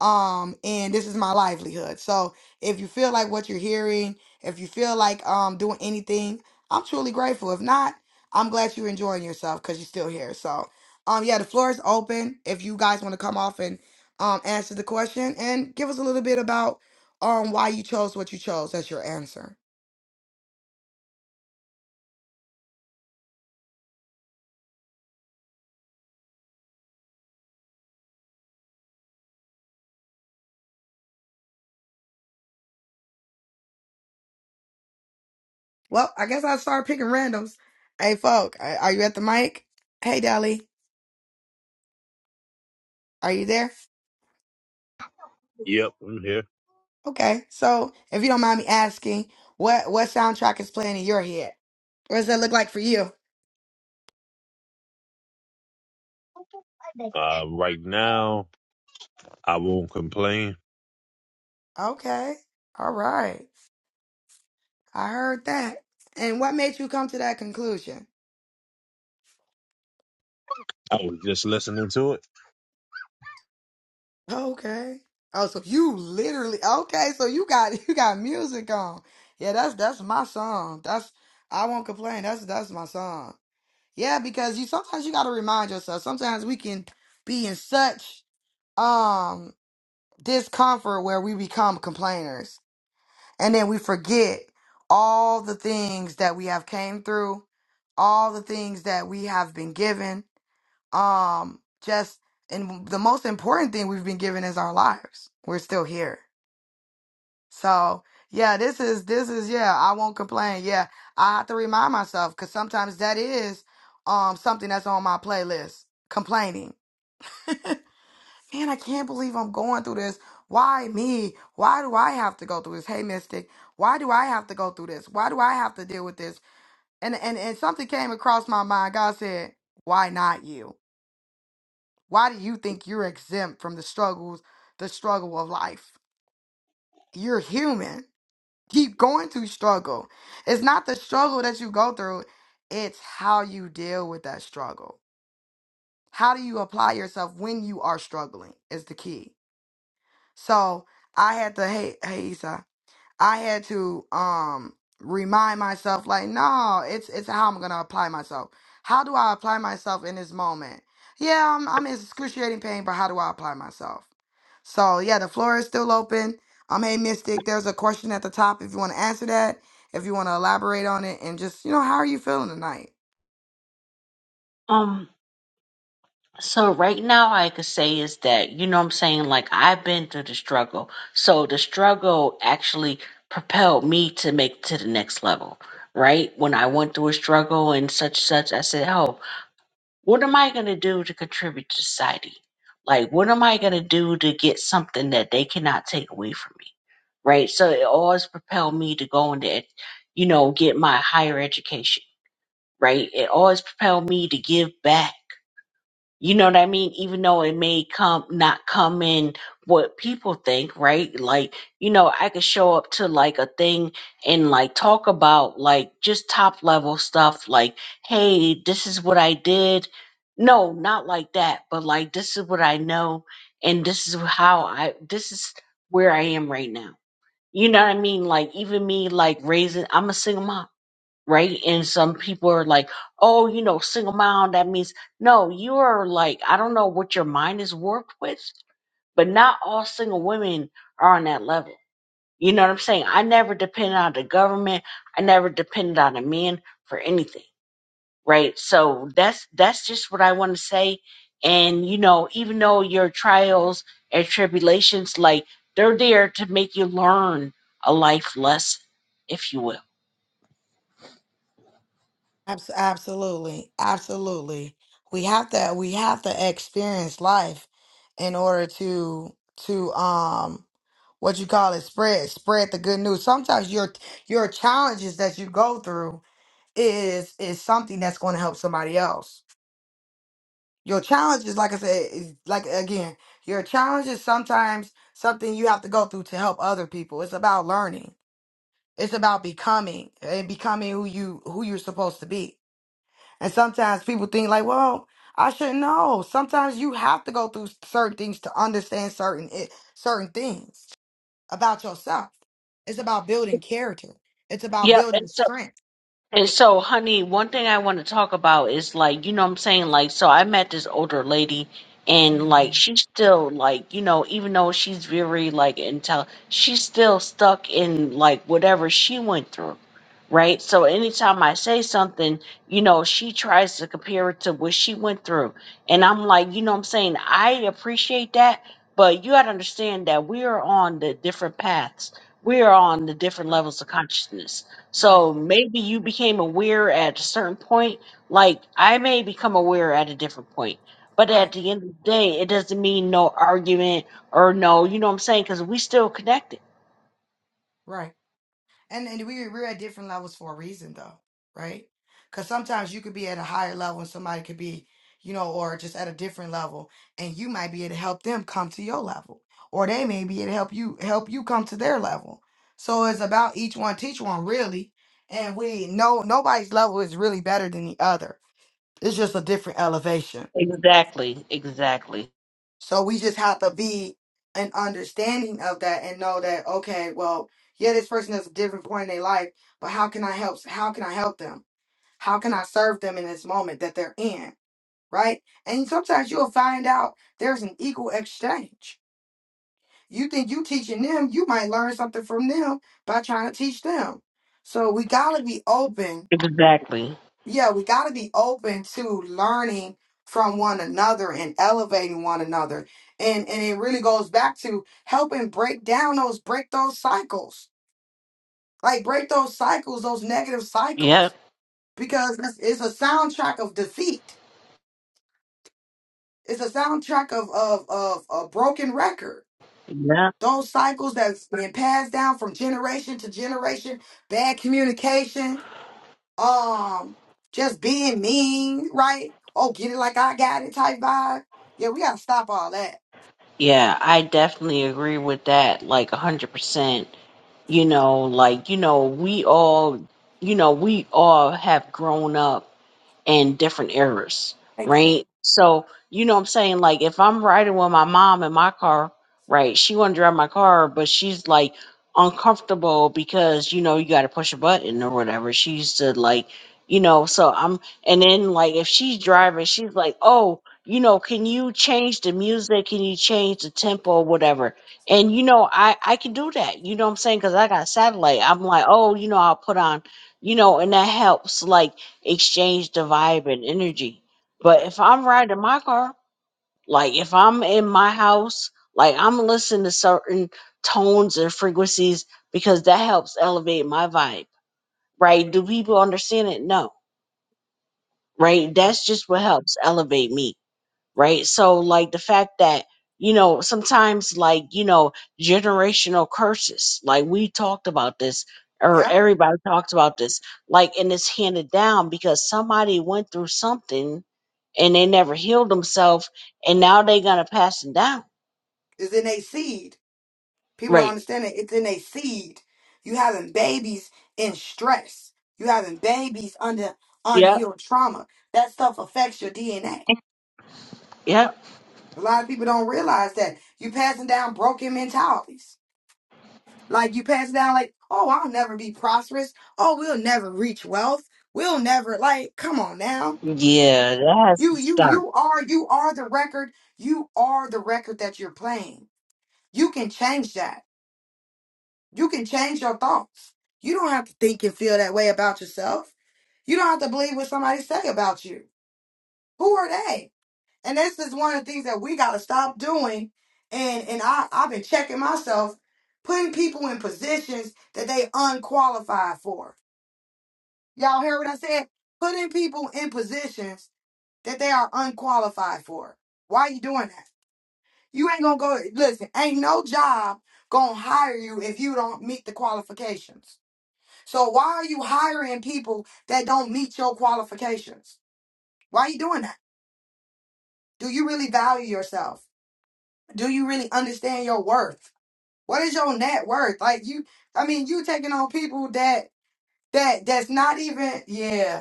um and this is my livelihood so if you feel like what you're hearing if you feel like um doing anything i'm truly grateful if not i'm glad you're enjoying yourself because you're still here so um yeah the floor is open if you guys want to come off and um answer the question and give us a little bit about um why you chose what you chose as your answer well i guess i'll start picking randoms hey folk are are you at the mic hey dally are you there Yep, I'm here. Okay, so if you don't mind me asking, what what soundtrack is playing in your head? What does that look like for you? Uh, now I won't claim. Okay, all right, I heard that. And what made you come to that conclusion? I will do it. Okay. Oh, so you literally okay? So you got you got music on? Yeah, that's that's my song. That's I won't complain. That's that's my song. Yeah, because you sometimes you got to remind yourself. Sometimes we can be in such um discomfort where we become complainers and then we forget all the things that we have came through all the things that we have been given um just and the most important thing we've been given is our lives we're still here so yeah this is this is yeah i won't complain yeah i have to remind myself because sometimes that is um something that's on my playlist complaining man, I can't believe I'm going through this. Why me? Why do I have to go through this? Hey, Mystic, why do I have to go through this? Why do I have to deal with this? And and and something came across my mind. God said, "Why not you? Why do you think you're exempt from the struggles, the struggle of life? You're human. Keep going to struggle. It's not the struggle that you go through. It's how you deal with that struggle. How do you apply yourself when you are struggling? Is the key." So I had to hey hey Issa, I had to um remind myself like no, it's it's how I'm gonna apply myself. How do I apply myself in this moment? Yeah, I'm I'm in excruciating pain, but how do I apply myself? So yeah, the floor is still open. Um hey Mystic, there's a question at the top if you wanna answer that, if you wanna elaborate on it and just you know, how are you feeling tonight? Um, so right now I could say is that, you know what I'm saying, like I've been through the struggle. So the struggle actually propelled me to make to the next level, right? When I went through a struggle and such such, I said, Oh, what am I gonna do to contribute to society? Like what am I gonna do to get something that they cannot take away from me? Right? So it always propelled me to go into it, you know, get my higher education, right? It always propelled me to give back you know what I mean? Even though it may come not come in what people think, right? Like, you know, I could show up to like a thing and like talk about like just top level stuff, like, hey, this is what I did. No, not like that, but like this is what I know and this is how I this is where I am right now. You know what I mean? Like even me like raising I'm a single mom right? And some people are like, oh, you know, single mom, that means no, you are like, I don't know what your mind is warped with, but not all single women are on that level. You know what I'm saying? I never depended on the government. I never depended on a man for anything, right? So that's that's just what I want to say. And you know, even though your trials and tribulations, like they're there to make you learn a life lesson, if you will. Abs- Absolutely, absolutely. We have to we have to experience life in order to to um what you call it spread spread the good news. Sometimes your your challenges that you go through is is something that's going to help somebody else. Your challenges, like I said, is like again, your challenges sometimes something you have to go through to help other people. It's about learning. It's about becoming and becoming who you who you're supposed to be and sometimes people think like, well, I should know. Sometimes you have to go through certain things to understand certain it, certain things about yourself. It's about building character. It's about Yep. And building so strength. And so, honey, one thing I want to talk about is like, you know what I'm saying? Like, so I met this older lady and like Mhm. she's still like, you know, even though she's very like intel, she's still stuck in like whatever she went through. Right? So anytime I say something, you know, she tries to compare it to what she went through. And I'm like, you know what I'm saying? I appreciate that, but you got to understand that we are on the different paths. We are on the different Right, levels of consciousness right, so maybe you became aware at a certain point. Like I may become aware at a different point. But at right, the end of the day, it doesn't mean no argument or no, you know what I'm saying? Because we still connected. right. And, and we, we're at different levels for a reason, though, right? Because sometimes you could be at a higher level and somebody could be, you know, or just at a different level, and you might be able to help them come to your level, or they may be able to help you help you come to their level. So it's about each one teach one, really. And we know nobody's level is really better than the other. It's just a different elevation. Exactly. Exactly. So we just have to be an understanding of that and know that okay, well, yeah, this person is a different point in their life, but how can I help? How can I help them? How can I serve them in this moment that they're in? Right? And sometimes you'll find out there's an equal exchange. You think you teaching them, you might learn something from them by trying to teach them. So we gotta be open Exactly. yeah, we got to be open to learning from one another and elevating one another. And and it really goes back to helping break down those break those cycles. Like break those cycles, those negative Yep. cycles because it's, it's a soundtrack of defeat. It's a soundtrack of of of a broken record. Yeah. Those cycles that's been passed down from generation to generation, bad communication, um just being mean, right? Oh, get it like I got it type vibe. Yeah, we gotta stop all that. Yeah, I definitely agree with that, like a hundred percent. You know, like, you know, we all you know, we all have grown up and different errors, Hey Queen. right? So, you know what I'm saying? Like, if I'm riding with my mom in my car, right? She want to drive my car, but she's like uncomfortable because, you know, you got to push a button or whatever. She used to like, you know, so I'm, and then like if she's driving, she's like, oh, you know, can you change the music? Can you change the tempo, whatever? And you know, I I can do that. You know what I'm saying? Because I got satellite. I'm like, oh, you know, I'll put on, you know, and that helps. Like exchange the vibe and energy. But Right. if I'm riding my car, like if I'm in my house, like I'm listening to certain tones and frequencies because that helps elevate my vibe, right? Do people understand it? No, right? Right. That's just what helps elevate me right? So like the fact that you know sometimes like you know generational curses, like we talked about this or Yeah. everybody talked about this, like and it's handed down because somebody went through something and they never healed themselves, and now they gonna pass it down, It's in a seed. People don't right? understand it. It's in a seed. You having babies in stress. You having babies under Yep, unhealed trauma. That stuff affects your DNA. yep, A A lot of people don't realize that. You passing down broken mentalities Like you pass it down, like, oh, I'll never be prosperous. Oh, we'll never reach wealth. We'll never like, come on now. yeah, that has to You you stop. you are you are the record. You are the record that you're playing. You can change that. You can change your thoughts. You don't have to think and feel that way about yourself. You don't have to believe what somebody say about you. Who are they? And this is one of the things that we gotta stop doing. And and I, I've been checking myself, putting people in positions that they unqualified for Y'all heard what I said? Putting people in positions that they are unqualified for. Why are you doing that? You ain't gonna go listen, ain't no job gonna hire you if you don't meet the qualifications. So why are you hiring people that don't meet your qualifications? Why are you doing that? Do you really value yourself? Do you really understand your worth? What is your net worth? Like you I mean you taking on people that that that's not even yeah.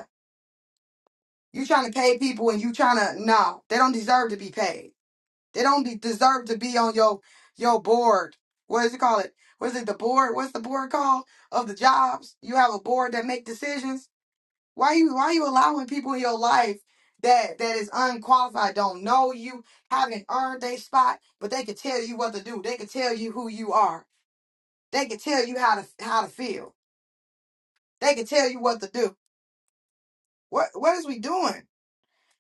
You trying to pay people and you trying to no, they don't deserve to be paid. They don't de- deserve to be on your your board. What does it call it? What is it the board? What's the board called of the jobs? You have a board that make decisions. Why you why you allowing people in your life that that is unqualified, don't know you, haven't earned their spot, but they can tell you what to do. They can tell you who you are. They can tell you how to how to feel. They can tell you what to do. What what is we doing?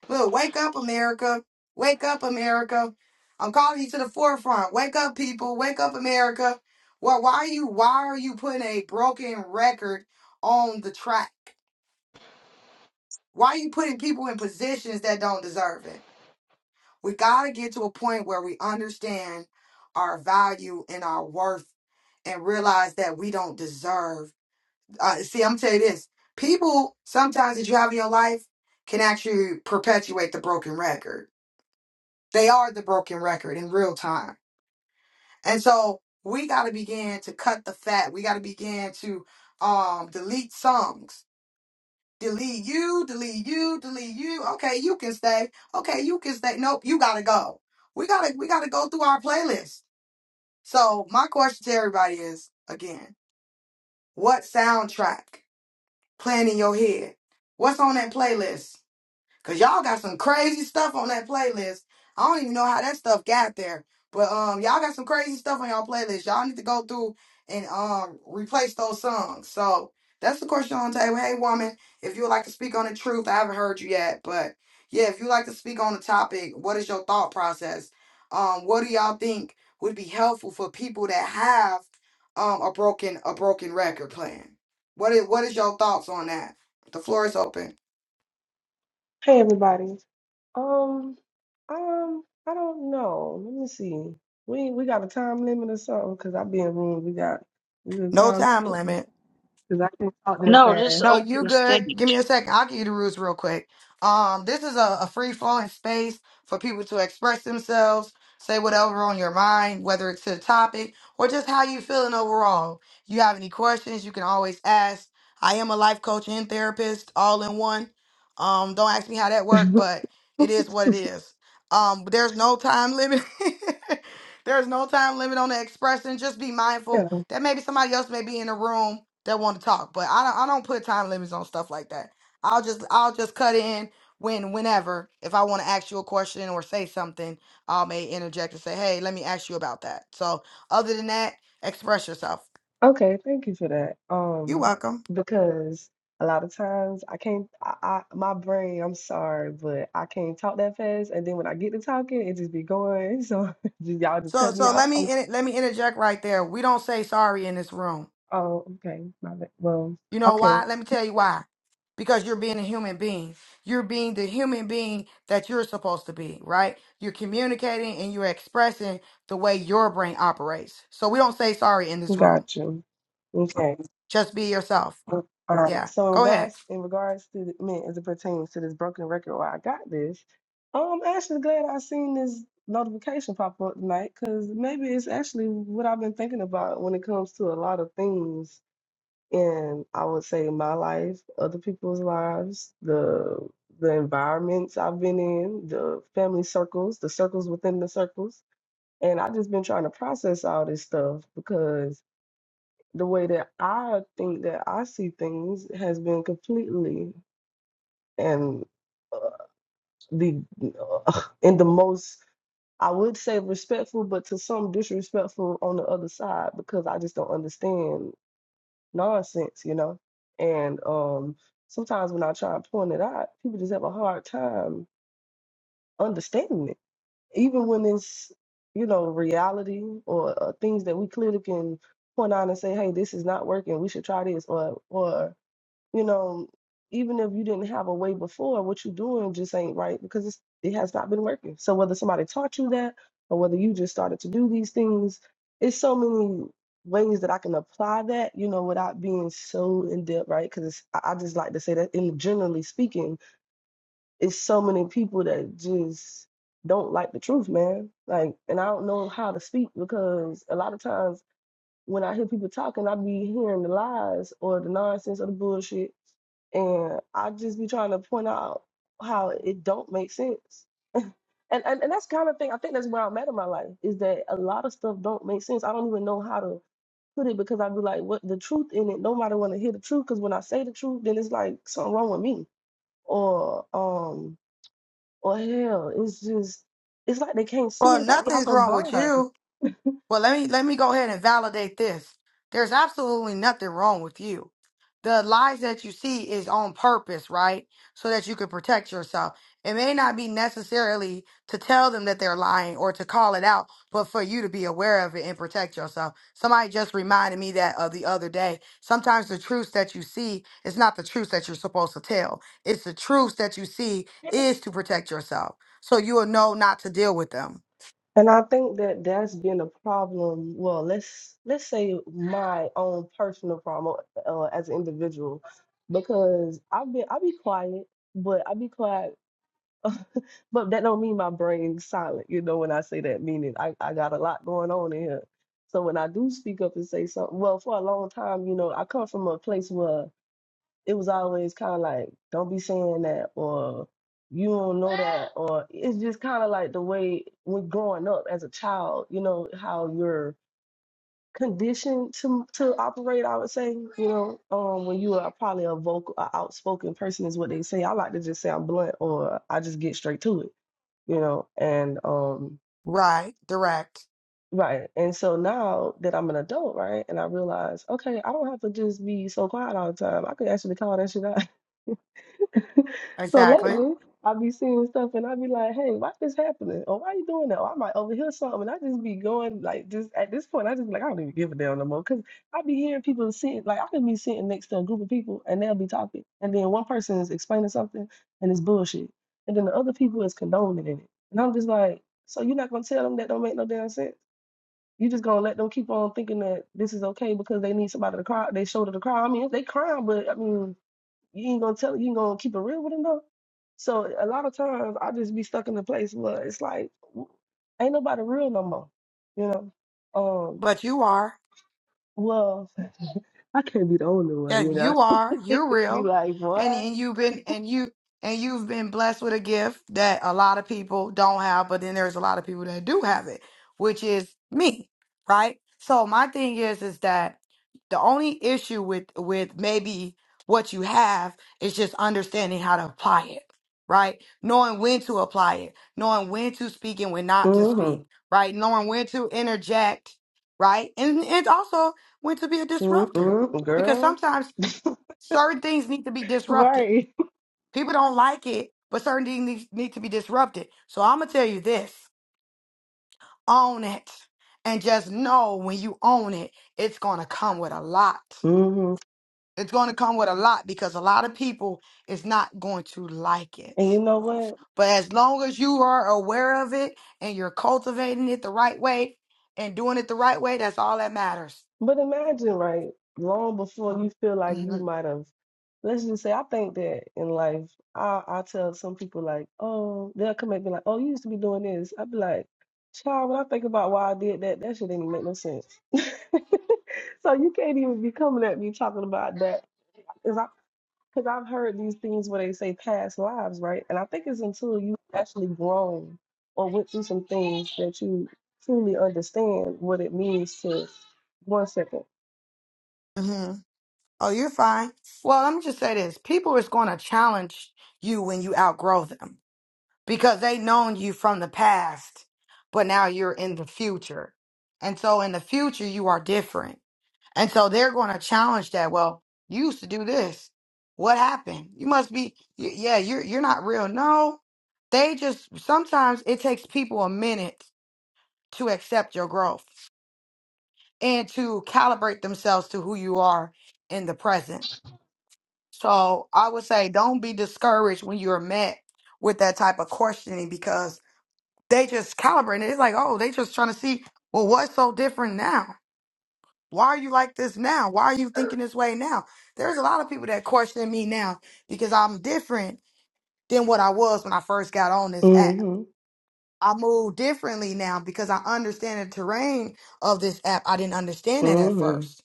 Look, wake up, America. Wake up, America. I'm calling you to the forefront. Wake up, people. Wake up, America. Well, why are you why are you putting a broken record on the track? Why are you putting people in positions that don't deserve it? We gotta get to a point where we understand our value and our worth and realize that we don't deserve. Uh, see, I'm gonna tell you this: people sometimes that you have in your life can actually perpetuate the broken record. They are the broken record in real time. And so we got to begin to cut the fat. We got to begin to um, delete songs. Delete you, delete you, delete you. Okay, you can stay. Okay, you can stay. Nope, you got to go. We got to we got to go through our playlist. So, my question to everybody is again, what soundtrack playing in your head? What's on that playlist? Cause y'all got some crazy stuff on that playlist. I don't even know how that stuff got there. But um y'all got some crazy stuff on y'all playlist. Y'all need to go through and um replace those songs. So that's the question on the table. Hey woman, if you would like to speak on the truth, I haven't heard you yet, but yeah, if you would like to speak on the topic, what is your thought process? Um, what do y'all think would be helpful for people that have um a broken a broken record plan? What is what is your thoughts on that? The floor is open. Hey everybody. Um, um, I don't know. Let me see. We we got a time limit or something because I be in room. We got is it No time time limit. because I can not talk that No, just No, fast. open you the stage. good. Give me a second. I'll give you the rules real quick. Um, this is a, a free flowing space for people to express themselves, say whatever on your mind, whether it's to the topic or just how you feeling overall. You have any questions, you can always ask. I am a life coach and therapist, all in one. Um, don't ask me how that worked, but it is what it is. Um, there's no time limit. There's no time limit on the expression. Just be mindful yeah. that maybe somebody else may be in the room that want to talk. But I don't, I don't put time limits on stuff like that. I'll just I'll just cut in when whenever if I want to ask you a question or say something, I may interject and say, "Hey, let me ask you about that." So other than that, express yourself. Okay. Thank you for that. You're Um, welcome. because a lot of times I can't. I, I my brain. I'm sorry, but I can't talk that fast. And then when I get to talking, it just be going. So just, y'all just So cut me so let off. me I'm- in, let me interject right there. We don't say sorry in this room. Oh, okay. My bad. Well, You know okay. why? Let me tell you why. Because you're being a human being. You're being the human being that you're supposed to be, right? You're communicating and you're expressing the way your brain operates. So we don't say sorry in this room. Got you. Okay. Just be yourself. All right. Yeah. So in Go ahead. regards in regards to the, I mean, as it pertains to this broken record where I got this, um, I'm actually glad I seen this notification pop up tonight because maybe it's actually what I've been thinking about when it comes to a lot of things in I would say my life, other people's lives, the the environments I've been in, the family circles, the circles within the circles. And I just been trying to process all this stuff because the way that I think that I see things has been completely and uh, the uh, in the most I would say respectful, but to some disrespectful on the other side because I just don't understand nonsense, you know. And um, sometimes when I try and point it out, people just have a hard time understanding it, even when it's you know reality or uh, things that we clearly can point out and say, hey, this is not working. We should try this, or or you know, even if you didn't have a way before, what you're doing just ain't right because it's, it has not been working. So whether somebody taught you that or whether you just started to do these things, it's so many ways that I can apply that, you know, without being so in depth, right? Because I I just like to say that, in generally speaking, it's so many people that just don't like the truth, man. Like, and I don't know how to speak because a lot of times when I hear people talking, I be hearing the lies or the nonsense or the bullshit, and I just be trying to point out how it don't make sense. And and, and that's kind of thing I think that's where I'm at in my life is that a lot of stuff don't make sense. I don't even know how to put it because I be like, what the truth in it. Nobody want to hear the truth because when I say the truth, then it's like something wrong with me or um or hell, it's just it's like they can't see. Well, it. It's like they nothing's almost wrong with you. blind. Well, let me let me go ahead and validate this. There's absolutely nothing wrong with you. The lies that you see is on purpose, right? So that you can protect yourself. It may not be necessarily to tell them that they're lying or to call it out, but for you to be aware of it and protect yourself. Somebody just reminded me that of the other day. Sometimes the truths that you see is not the truths that you're supposed to tell. It's the truths that you see is to protect yourself. So you will know not to deal with them. And I think that that's been a problem. Well, let's let's say my own personal problem uh, as an individual, because I've been I be quiet, but I be quiet, but that don't mean my brain's silent. You know, when I say that, meaning I I got a lot going on in here. So when I do speak up and say something, well, for a long time, you know, I come from a place where it was always kind of like, don't be saying that, or you don't know that, or it's just kind of like the way when growing up as a child, you know, how you're conditioned to to operate, I would say, you know, um, when you are probably a vocal, a outspoken person is what they say. I like to just say I'm blunt or I just get straight to it, you know, and um, Right, direct. right. And so now that I'm an adult, right, and I realize, okay, I don't have to just be so quiet all the time. I could actually call that shit out. So Exactly. lately, I be seeing stuff and I be like, hey, why this happening? Or why you doing that? Or I might overhear something. And I just be going like just at this point, I just be like, I don't even give a damn no more. Cause I be hearing people sitting like I can be sitting next to a group of people and they'll be talking. And then one person is explaining something and it's bullshit. And then the other people is condoning in it. And I'm just like, so you're not gonna tell them that don't make no damn sense? You just gonna let them keep on thinking that this is okay because they need somebody to cry, they shoulder to cry. I mean, they crying, but I mean you ain't gonna tell you ain't gonna keep it real with them though. So a lot of times I just be stuck in a place where it's like ain't nobody real no more. You know? Um But you are. well I can't be the only Yeah, one, you know. you are. You're I'm real, like, and what? and you've been and you and you've been blessed with a gift that a lot of people don't have, but then there's a lot of people that do have it, which is me, right? So my thing is is that the only issue with with maybe what you have is just understanding how to apply it, right? Knowing when to apply it, knowing when to speak and when not to speak, Mm-hmm. right? Knowing when to interject, right? And and also when to be a disruptor Mm-hmm. because Girl. sometimes certain things need to be disrupted. Right. People don't like it, but certain things need, need to be disrupted. So I'm gonna tell you this: own it, and just know when you own it, it's gonna come with a lot. Mm-hmm. It's gonna come with a lot because a lot of people is not going to like it. And you know what? But as long as you are aware of it and you're cultivating it the right way and doing it the right way, that's all that matters. But imagine, right, long before you feel like you Mm-hmm. might have, let's just say, I think that in life, I, I tell some people, like, oh, they'll come at me like, oh, you used to be doing this. I'd be like, child, when I think about why I did that, that shit didn't make no sense. So you can't even be coming at me talking about that. Because I, because I've heard these things where they say past lives, right? And I think it's until you actually grown or went through some things that you truly understand what it means to, one second. Mm-hmm. Oh, you're fine. Well, let me just say this. People is going to challenge you when you outgrow them because they known you from the past, but now you're in the future. And so in the future, you are different. And so they're going to challenge that. Well, you used to do this. What happened? You must be, y- yeah, you're, you're not real. No, they just, sometimes it takes people a minute to accept your growth and to calibrate themselves to who you are in the present. So I would say don't be discouraged when you're met with that type of questioning because they just calibrating. it. It's like, oh, they just trying to see, well, what's so different now? Why are you like this now? Why are you thinking this way now? There's a lot of people that question me now because I'm different than what I was when I first got on this app. hmm I move differently now because I understand the terrain of this app. I didn't understand it at hmm first.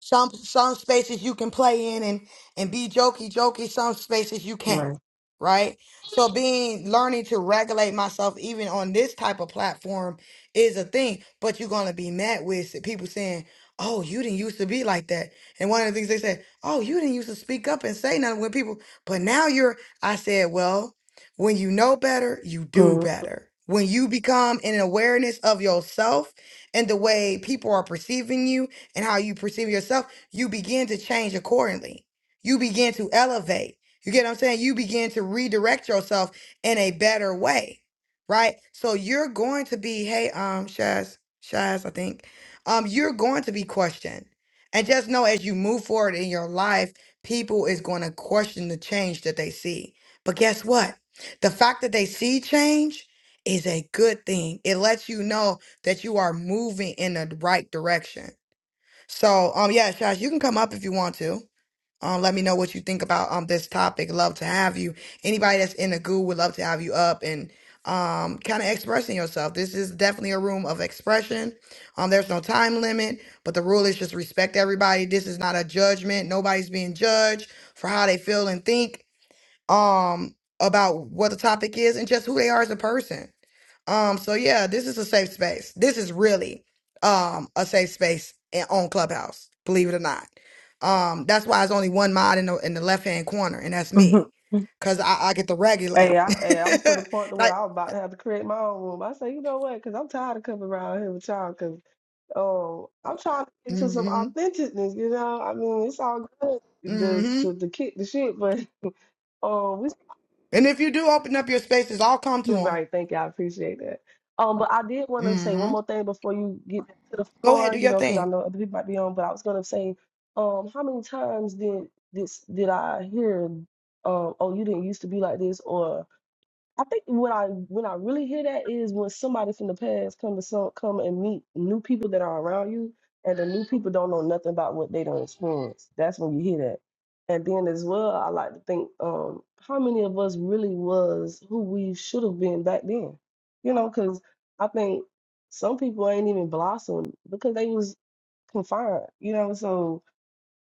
Some some spaces you can play in and and be jokey jokey. Some spaces you can't. Right. Right. So being learning to regulate myself even on this type of platform is a thing. But you're gonna be met with people saying, "Oh, you didn't used to be like that." And one of the things they said, "Oh, you didn't used to speak up and say nothing when people." But now you're. I said, "Well, when you know better, you do Mm-hmm. better. When you become an awareness of yourself and the way people are perceiving you." and how you perceive yourself, you begin to change accordingly. You begin to elevate. You get what I'm saying? You begin to redirect yourself in a better way, right? So you're going to be, hey, um, Shaz, Shaz, I think, um, you're going to be questioned. And just know as you move forward in your life, people is going to question the change that they see. But guess what? The fact that they see change is a good thing. It lets you know that you are moving in the right direction. So, um, yeah, Shash, you can come up if you want to. Um, let me know what you think about um this topic. Love to have you. Anybody that's in the goo would love to have you up and um kind of expressing yourself. This is definitely a room of expression. Um, there's no time limit, but the rule is just respect everybody. This is not a judgment. Nobody's being judged for how they feel and think um about what the topic is and just who they are as a person. Um, so yeah, this is a safe space. This is really um a safe space in, on Clubhouse, believe it or not. Um, that's why it's only one mod in the in the left hand corner, and that's me, cause I, I get to regulate. Hey, I, hey, I was to the point to where like, I was about to have to create my own room. I say, you know what? Because I'm tired of coming around here with y'all. Because oh, I'm trying to get to some mm-hmm, authenticness. You know, I mean, it's all good to mm-hmm. to, to kick the shit, but um, And if you do open up your spaces, I'll come to them. Right, thank you. I appreciate that. Um, but I did want to say one Mm-hmm. more thing before you get to the Go ahead, floor, do you your know, because I thing. know other people might be on. But I was gonna say, um, how many times did this did I hear, um, oh, you didn't used to be like this, or. I think when I when I really hear that is when somebody from the past come to some come and meet new people that are around you, and the new people don't know nothing about what they don't experience. That's when you hear that. And then as well, I like to think um, how many of us really was who we should have been back then. You know, because I think some people ain't even blossomed because they was confined. You know, so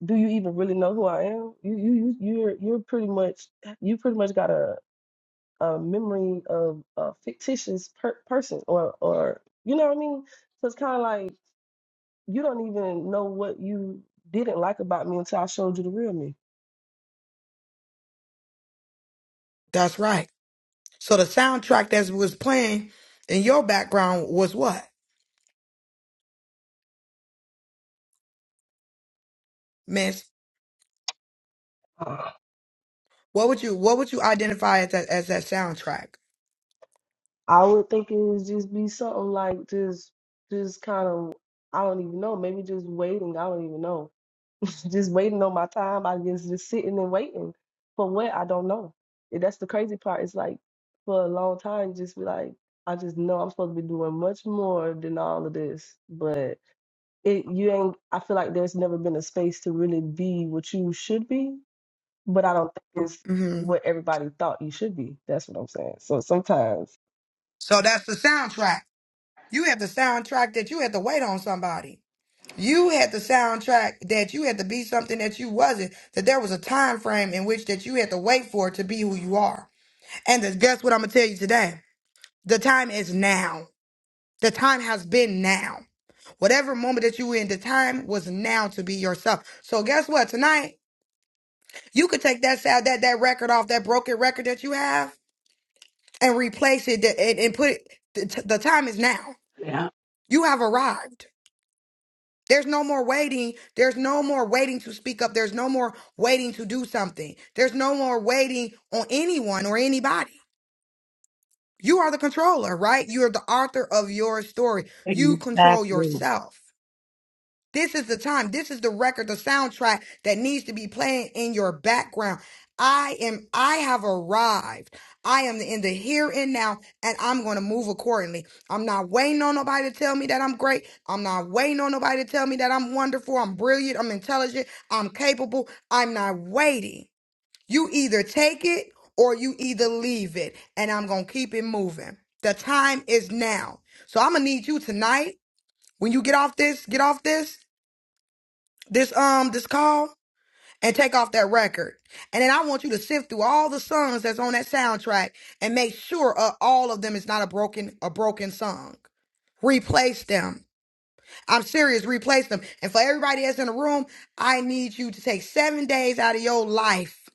do you even really know who I am? You you you- you're you're pretty much you pretty much gotta a memory of a fictitious per- person or or you know what I mean? So it's kind of like you don't even know what you didn't like about me until I showed you the real me. That's right. So the soundtrack that was playing in your background was what, Miss? What would you What would you identify as that as that soundtrack? I would think it would just be something like just just kind of I don't even know, maybe just waiting, I don't even know. just waiting on my time, I guess just sitting and waiting for what I don't know. And that's the crazy part. It's like for a long time just be like I just know I'm supposed to be doing much more than all of this, but it you ain't I feel like there's never been a space to really be what you should be, but I don't think it's Mm-hmm. what everybody thought you should be. That's what I'm saying. So sometimes So that's the soundtrack. You had the soundtrack that you had to wait on somebody. You had the soundtrack that you had to be something that you wasn't. That there was a time frame in which that you had to wait for to be who you are. And that, guess what I'm gonna tell you today? The time is now. The time has been now. Whatever moment that you were in, the time was now to be yourself. So guess what? Tonight you could take that sound, that that record off, that broken record that you have, and replace it and, and put it. The, the time is now. Yeah, You have arrived. There's no more waiting. There's no more waiting to speak up. There's no more waiting to do something. There's no more waiting on anyone or anybody. You are the controller, right? You are the author of your story. You control exactly. yourself. This is the time. This is the record, the soundtrack that needs to be playing in your background. I am, I have arrived. I am in the here and now, and I'm going to move accordingly. I'm not waiting on nobody to tell me that I'm great. I'm not waiting on nobody to tell me that I'm wonderful. I'm brilliant. I'm intelligent. I'm capable. I'm not waiting. You either take it or you either leave it, and I'm going to keep it moving. The time is now. So I'm going to need you tonight when you get off this, get off this this um this call and take off that record. And then I want you to sift through all the songs that's on that soundtrack and make sure uh, all of them is not a broken a broken song. Replace them. I'm serious, replace them. And for everybody that's in the room, I need you to take 7 days out of your life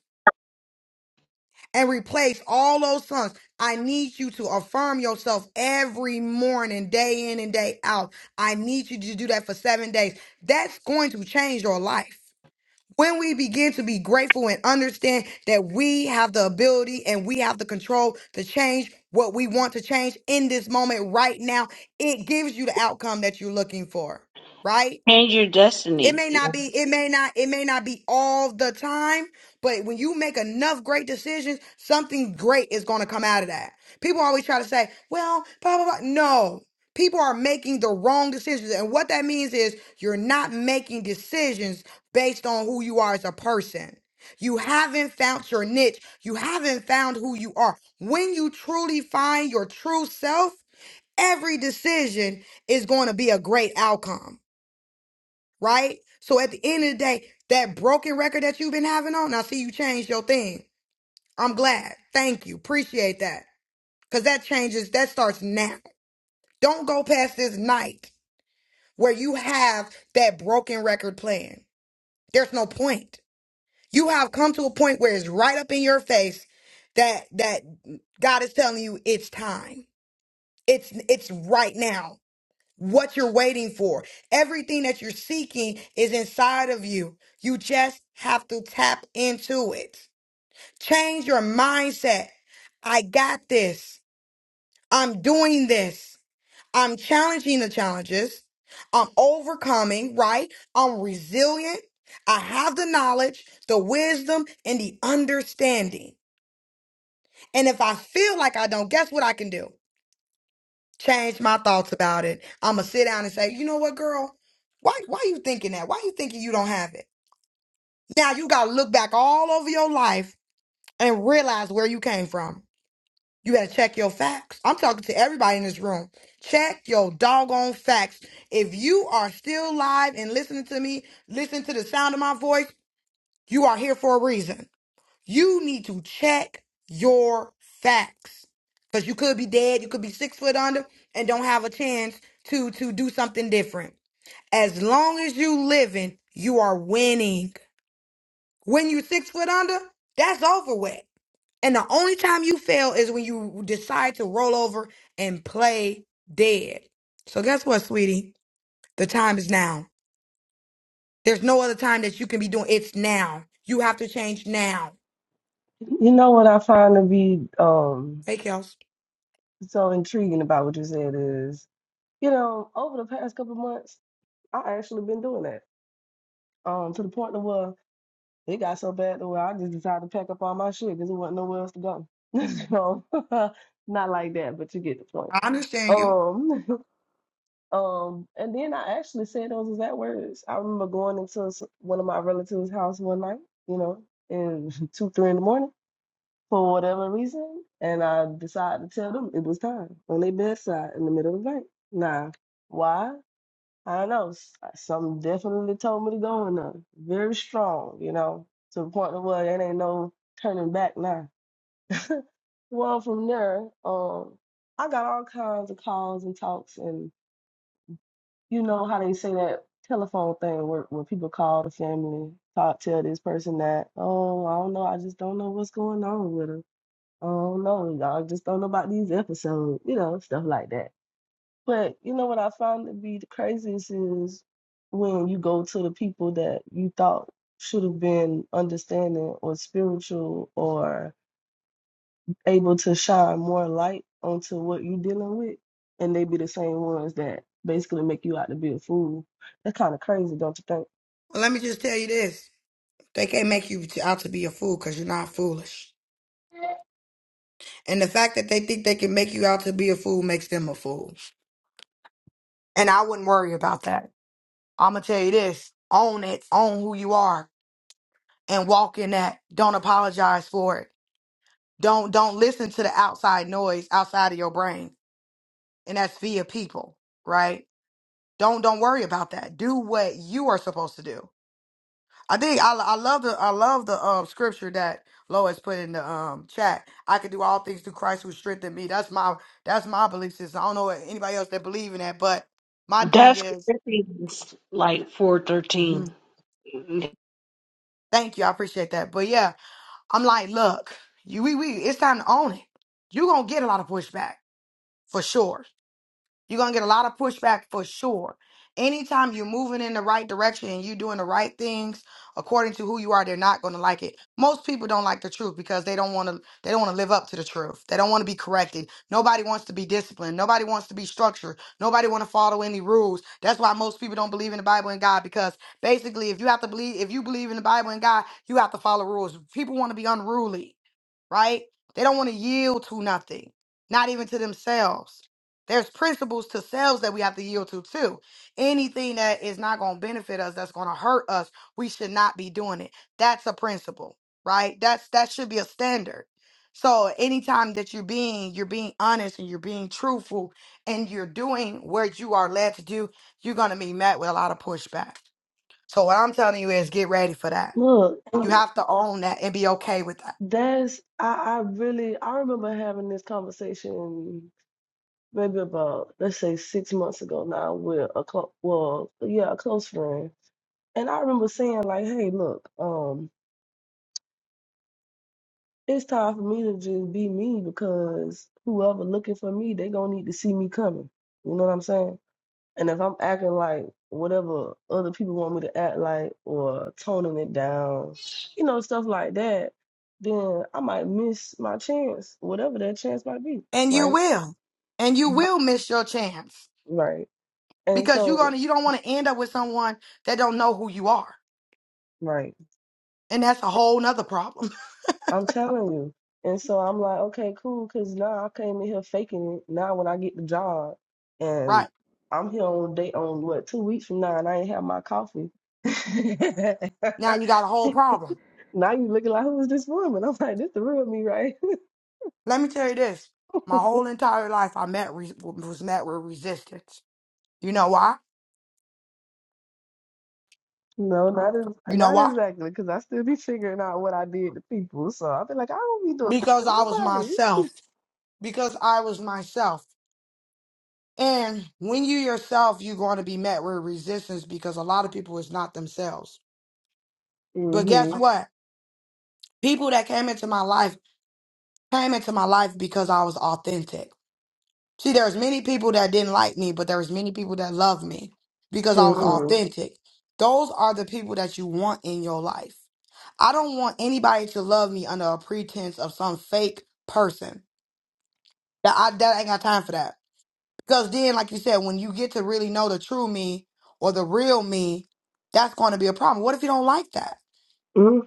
and replace all those songs. I need you to affirm yourself every morning, day in and day out. I need you to do that for 7 days. That's going to change your life. when we begin to be grateful and understand that we have the ability and we have the control to change what we want to change in this moment right now, it gives you the outcome that you're looking for, right? Change your It destiny. may not be, it may not, it may not be all the time, but when you make enough great decisions, something great is going to come out of that. People always try to say, well, blah, blah, blah. No, people are making the wrong decisions. And what that means is you're not making decisions based on who you are as a person. You haven't found your niche. You haven't found who you are. When you truly find your true self, every decision is going to be a great outcome right? So at the end of the day, that broken record that you've been having on, I see you changed your thing. I'm glad. Thank you. Appreciate that. Because that changes, that starts now. Don't go past this night where you have that broken record playing. There's no point. You have come to a point where it's right up in your face that that God is telling you it's time. It's it's right now. what you're waiting for. Everything that you're seeking is inside of you. You just have to tap into it. Change your mindset. I got this. I'm doing this. I'm challenging the challenges. I'm overcoming, right? I'm resilient. I have the knowledge, the wisdom, and the understanding. And if I feel like I don't, guess what I can do? change my thoughts about it. I'm gonna sit down and say, you know what, girl? Why why you thinking that? Why you thinking you don't have it? Now you gotta look back all over your life and realize where you came from. You gotta check your facts. I'm talking to everybody in this room. Check your doggone facts. If you are still live and listening to me, listen to the sound of my voice, you are here for a reason. You need to check your facts. Because you could be dead, you could be six foot under and don't have a chance to to do something different. As long as you living, you are winning. When you six foot under, that's over with. And the only time you fail is when you decide to roll over and play dead. So guess what, sweetie? The time is now. There's no other time that you can be doing. It's now. You have to change now. you know what I find to be um Hey, Kels. so intriguing about what you said is, you know, over the past couple months, I actually been doing that. Um to the point to where it got so bad to where I just decided to pack up all my shit because there wasn't nowhere else to go. so not like that, but you get the point. I understand you. Um Um, and then I actually said those exact words. I remember going into s- one of my relatives' house one night, you know, in two, three in the morning for whatever reason, and I decided to tell them it was time on their bedside in the middle of the night. Now, why? I don't know. S- uh, Something definitely told me to go in there. Very strong, you know, to the point of where there ain't no turning back now. Well, from there, um, I got all kinds of calls and talks you know how they say that telephone thing where, where people call the family, talk, tell this person that, oh, I don't know, I just don't know what's going on with her. I don't know, I just don't know about these episodes, you know, stuff like that. But you know what I find to be the craziest is when you go to the people that you thought should have been understanding or spiritual or able to shine more light onto what you're dealing with, and they be the same ones that basically make you out to be a fool. That's kind of crazy, don't you think? Well, let me just tell you this. They can't make you to- out to be a fool because you're not foolish. And the fact that they think they can make you out to be a fool makes them a fool. And I wouldn't worry about that. I'm going to tell you this own it, own who you are, and walk in that. Don't apologize for it. Don't don't listen to the outside noise outside of your brain. And that's via people, right? Don't don't worry about that. Do what you are supposed to do. I think I I love the I love the um scripture that Lois put in the um chat. I can do all things through Christ who strengthened me. That's my that's my belief system. I don't know anybody else that believe in that, but my thing That's is, Corinthians like four thirteen. Mhm. thank you, I appreciate that. But yeah, I'm like, look, you we we it's time to own it. You are gonna get a lot of pushback for sure You're gonna get a lot of pushback for sure. Anytime you're moving in the right direction and you're doing the right things according to who you are, they're not gonna like it. Most people don't like the truth because they don't wanna they don't wanna live up to the truth. They don't wanna be corrected. Nobody wants to be disciplined. Nobody wants to be structured. Nobody wanna follow any rules. That's why most people don't believe in the Bible and God because basically if you have to believe if you believe in the Bible and God, you have to follow rules. People wanna be unruly, right? They don't wanna yield to nothing, not even to themselves. There's principles to selves that we have to yield to too. Anything that is not going to benefit us, that's going to hurt us, we should not be doing it. That's a principle, right? That's that should be a standard. So anytime that you're being you're being honest and you're being truthful and you're doing what you are led to do, you're going to be met with a lot of pushback. So what I'm telling you is get ready for that. Look, You and have to own that and be okay with that. that's I, I really I remember having this conversation maybe about let's say six months ago now with a close well yeah a close friend, and I remember saying like, hey, look, um, it's time for me to just be me because whoever looking for me, they gonna need to see me coming. You know what I'm saying? And if I'm acting like whatever other people want me to act like or toning it down, you know, stuff like that, then I might miss my chance, whatever that chance might be. And you Right. will. And you Mhm. will miss your chance Right. And because you're so, gonna you don't want to end up with someone that don't know who you are right. and that's a whole nother problem I'm telling you. And so I'm like, okay, cool, because now I came in here faking it. Now when I get the job right and I'm here on day on what, two weeks from now and I ain't have my coffee. now you got a whole problem Now you looking like who is this woman? I'm like, this the real me, right? let me tell you this my whole entire life i met re- was met with resistance you know why No, not as, you know not why exactly, because I still be figuring out what I did to people. So I be like, I don't be doing that because to i was nobody. myself because i was myself and when you yourself you're going to be met with resistance because a lot of people is not themselves but guess Mm-hmm. what people that came into my life came into my life because i was authentic See, there's many people that didn't like me, but there's many people that love me because I was Mm-hmm. authentic. Those are the people that you want in your life. I don't want anybody to love me under a pretense of some fake person. That I that I ain't got time for that. Because then, like you said, when you get to really know the true me or the real me, that's going to be a problem. What if you don't like that?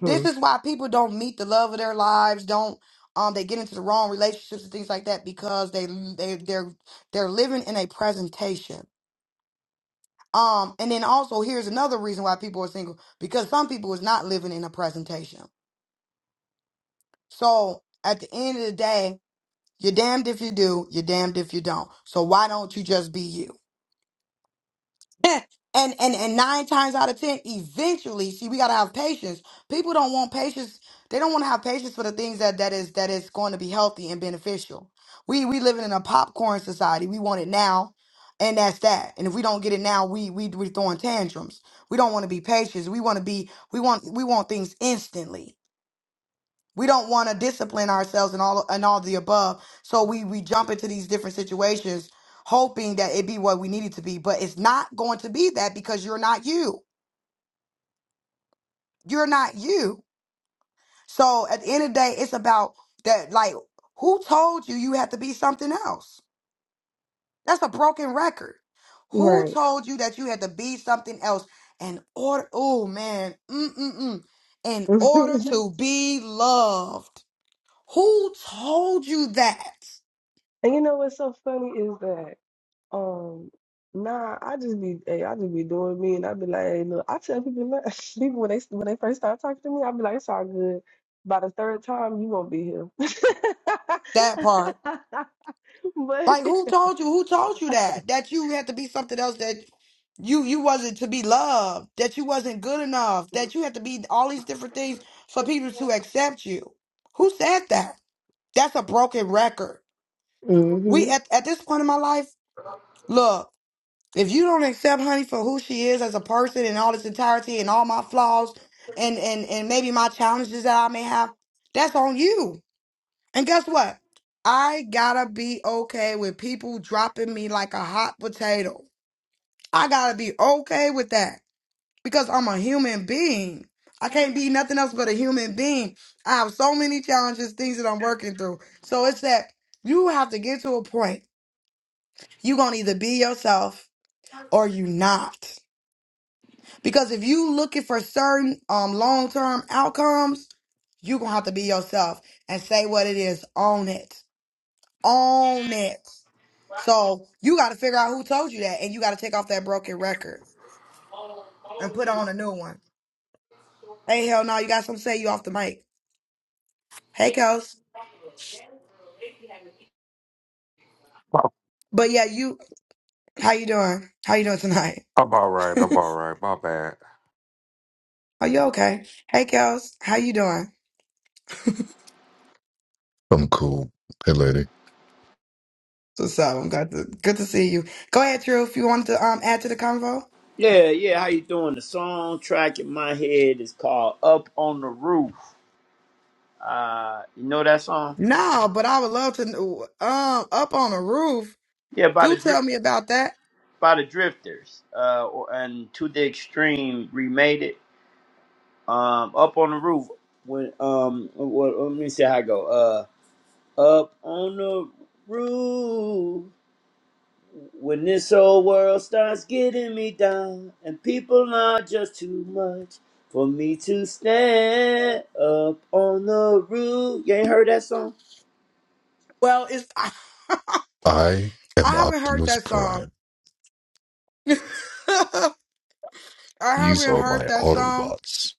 This is why people don't meet the love of their lives. Don't um they get into the wrong relationships and things like that because they they they're they're living in a presentation. Um and then also here's another reason why people are single because some people is not living in a presentation. So at the end of the day, you're damned if you do, you're damned if you don't. So why don't you just be you? and and and nine times out of ten, eventually, see, we gotta have patience. People don't want patience. They don't want to have patience for the things that that is that is going to be healthy and beneficial. We we living in a popcorn society. We want it now, and that's that. And if we don't get it now, we we we throwing tantrums. We don't want to be patient. We want to be we want we want things instantly. We don't want to discipline ourselves and all and all the above. So we we jump into these different situations hoping that it be what we need it to be, but it's not going to be that because you're not you. You're not you. So at the end of the day, it's about that like who told you you had to be something else? That's a broken record. Who Right. told you that you had to be something else in order oh man, mm mm mm in order to be loved? Who told you that? and you know what's so funny is that um nah I just be hey, I just be doing me and I be like, hey look, I tell people look, people when they when they first start talking to me, I be like, it's all good. By the third time you won't be here. That part. but Like who told you? Who told you that? That you had to be something else that you you wasn't to be loved, that you wasn't good enough, that you had to be all these different things for people to accept you. Who said that? That's a broken record. We hmm at at this point in my life, look, if you don't accept honey for who she is as a person and all its entirety and all my flaws and and and maybe my challenges that I may have, that's on you And guess what? I gotta be okay with people dropping me like a hot potato. I gotta be okay with that because I'm a human being. I can't be nothing else but a human being. I have so many challenges, things that I'm working through. So it's that you have to get to a point. You're gonna either be yourself or you not. Because if you looking for certain um long term outcomes, you're gonna have to be yourself and say what it is. Own it. Own it. So you got to figure out who told you that, and you got to take off that broken record and put on a new one. Hey, hell no, you got something to say? You off the mic? Hey, Kels. But yeah, you. How you doing? How you doing tonight? I'm all right. I'm all right. My bad. Are you okay? Hey, Kels. How you doing? I'm cool. Hey, lady. What's up? I'm glad to good to see you. Go ahead, Drew. If you wanted to um add to the convo. Yeah, yeah. How you doing? The song track in my head is called "Up on the Roof." Uh, you know that song? No, but I would love to. kn- Um, up on the roof. Yeah, by the Do Dri- tell me about that. by the Drifters. Uh, or, and to the extreme remade it. Um, "Up on the Roof." When um, what, let me see how I go. Uh, "Up on the Roof." When this whole world starts getting me down, and people are just too much for me to stand up on the roof. You ain't heard that song? Well, it's I I am haven't heard Optimus that song. Prime. I These haven't are my heard that song. Autobots.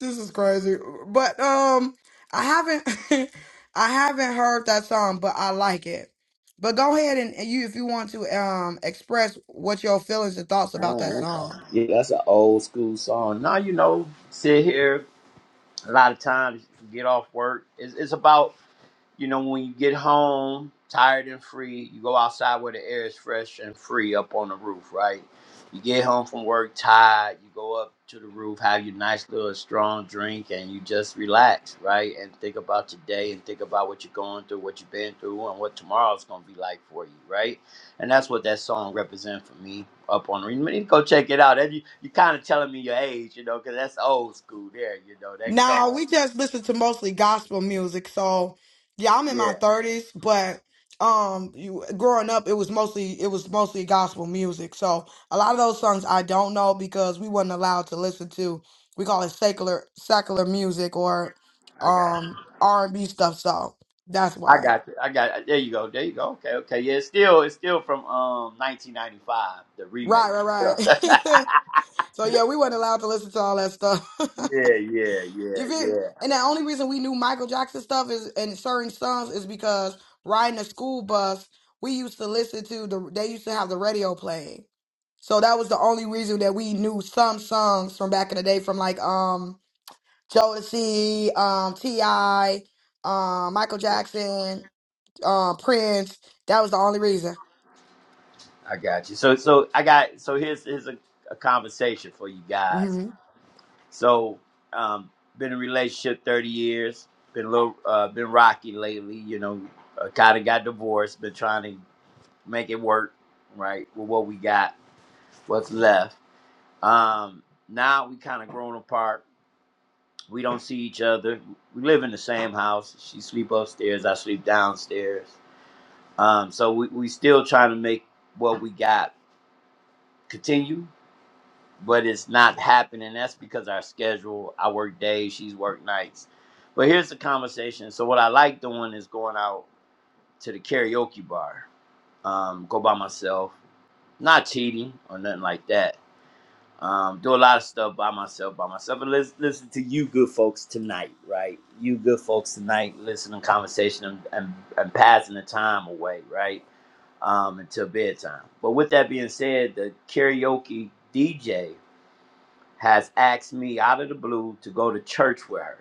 This is crazy. But um I haven't I haven't heard that song, but I like it. But go ahead and and you if you want to um express what your feelings and thoughts about that Oh, okay. song. Yeah, that's an old school song. Now you know, sit here a lot of times, get off work. It's, it's about you know, when you get home, tired and free, you go outside where the air is fresh and free up on the roof, right? You get home from work tired, you go up to the roof, have your nice little strong drink, and you just relax, right? And think about your day and think about what you're going through, what you've been through, and what tomorrow's gonna be like for you, right? And that's what that song represents for me up on the roof. You need to go check it out. That you you kind of telling me your age, you know, because that's old school there, you know, that Now song. we just listen to mostly gospel music. So yeah, I'm in my Yeah, thirties, but um, you, growing up, it was mostly it was mostly gospel music. So a lot of those songs I don't know because we weren't allowed to listen to. We call it secular secular music or I got it. um R and B stuff. So that's I why. got you. I got There you go. There you go. Okay, okay. Yeah, it's still it's still from um 1995, the Right, remake. right, right. so yeah, we weren't allowed to listen to all that stuff. yeah, yeah, yeah, You feel? yeah. And the only reason we knew Michael Jackson stuff is and certain songs is because riding a school bus, we used to listen to the they used to have the radio playing. So that was the only reason that we knew some songs from back in the day from like um Jodeci, um T.I., um Michael Jackson, uh, Prince. That was the only reason. I got you. So so I got so here's here's a, a conversation for you guys. Mhm. So um been in a relationship 30 years, been a little uh been rocky lately, you know, uh, kind of got divorced, been trying to make it work, right? With what we got, what's left. Um now we kind of grown apart We don't see each other. We live in the same house. She sleep upstairs. I sleep downstairs. Um, so we we still trying to make what we got continue, but it's not happening. That's because our schedule. I work days. She's work nights. But here's the conversation. So what I like doing is going out to the karaoke bar. Um, go by myself. Not cheating or nothing like that um, do a lot of stuff by myself, by myself, and let's listen to you, good folks, tonight, right? You, good folks, tonight, listening to conversation and, and, and passing the time away, right? Um, until bedtime. But with that being said, the karaoke DJ has asked me out of the blue to go to church with her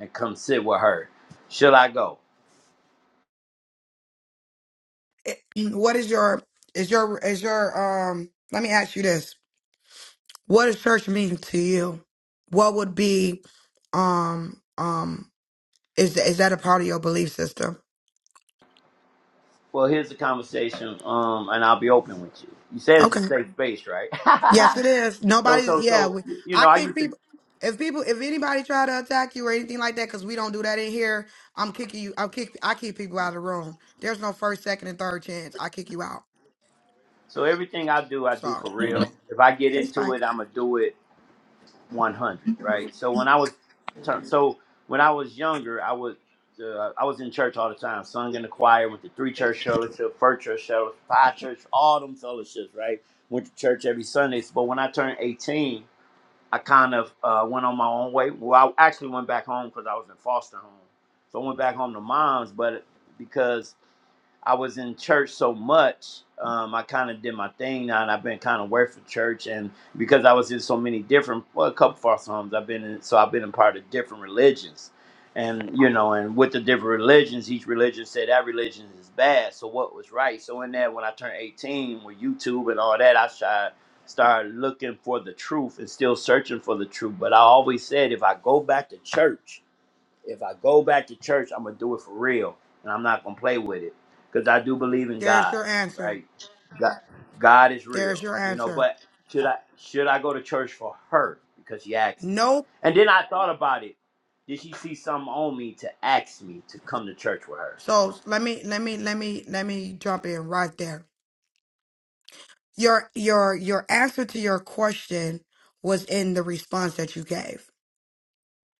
and come sit with her. Should I go? What is your is your is your um let me ask you this. What does church mean to you? What would be um um is is that a part of your belief system? Well, here's the conversation, um, and I'll be open with you. You said it's a Okay. safe space, right? Yes, it is. So, Nobody's so, yeah. so, We, you know, I I kick used to people. If people, if anybody try to attack you or anything like that, because we don't do that in here, I'm kicking you. I kick. I kick people out of the room. There's no first, second, and third chance. I kick you out. So everything I do, I So do for real. If I get hey, into it, Spike. I'm gonna do it 100, right? So when I was, turn- so when I was younger, I would, uh, I was in church all the time, sung in the choir, went to three church fellowship, four church fellowship, five church, all them fellowships, right? Went to church every Sundays. But when I turned 18, I kind of uh, went on my own way. Well, I actually went back home because I was in foster home, so I went back home to mom's, but because I was in church so much, um, I kind of did my thing now, and I've been kind of working for church. And because I was in so many different, well, a couple false homes, I've been in, so I've been a part of different religions. And, you know, and with the different religions, each religion said that religion is bad. So what was right? So in that, when I turned 18 with YouTube and all that, I tried, started looking for the truth and still searching for the truth. But I always said, if I go back to church, if I go back to church, I'm gonna do it for real, and I'm not gonna play with it, because I do believe in There's God, your answer. right? God, God is There's real, your you know. answer. But should I should I go to church for her because she asked me? Nope. And then I thought about it. Did she see something on me to ask me to come to church with her? So let me let me let me let me jump in right there. Your your your answer to your question was in the response that you gave.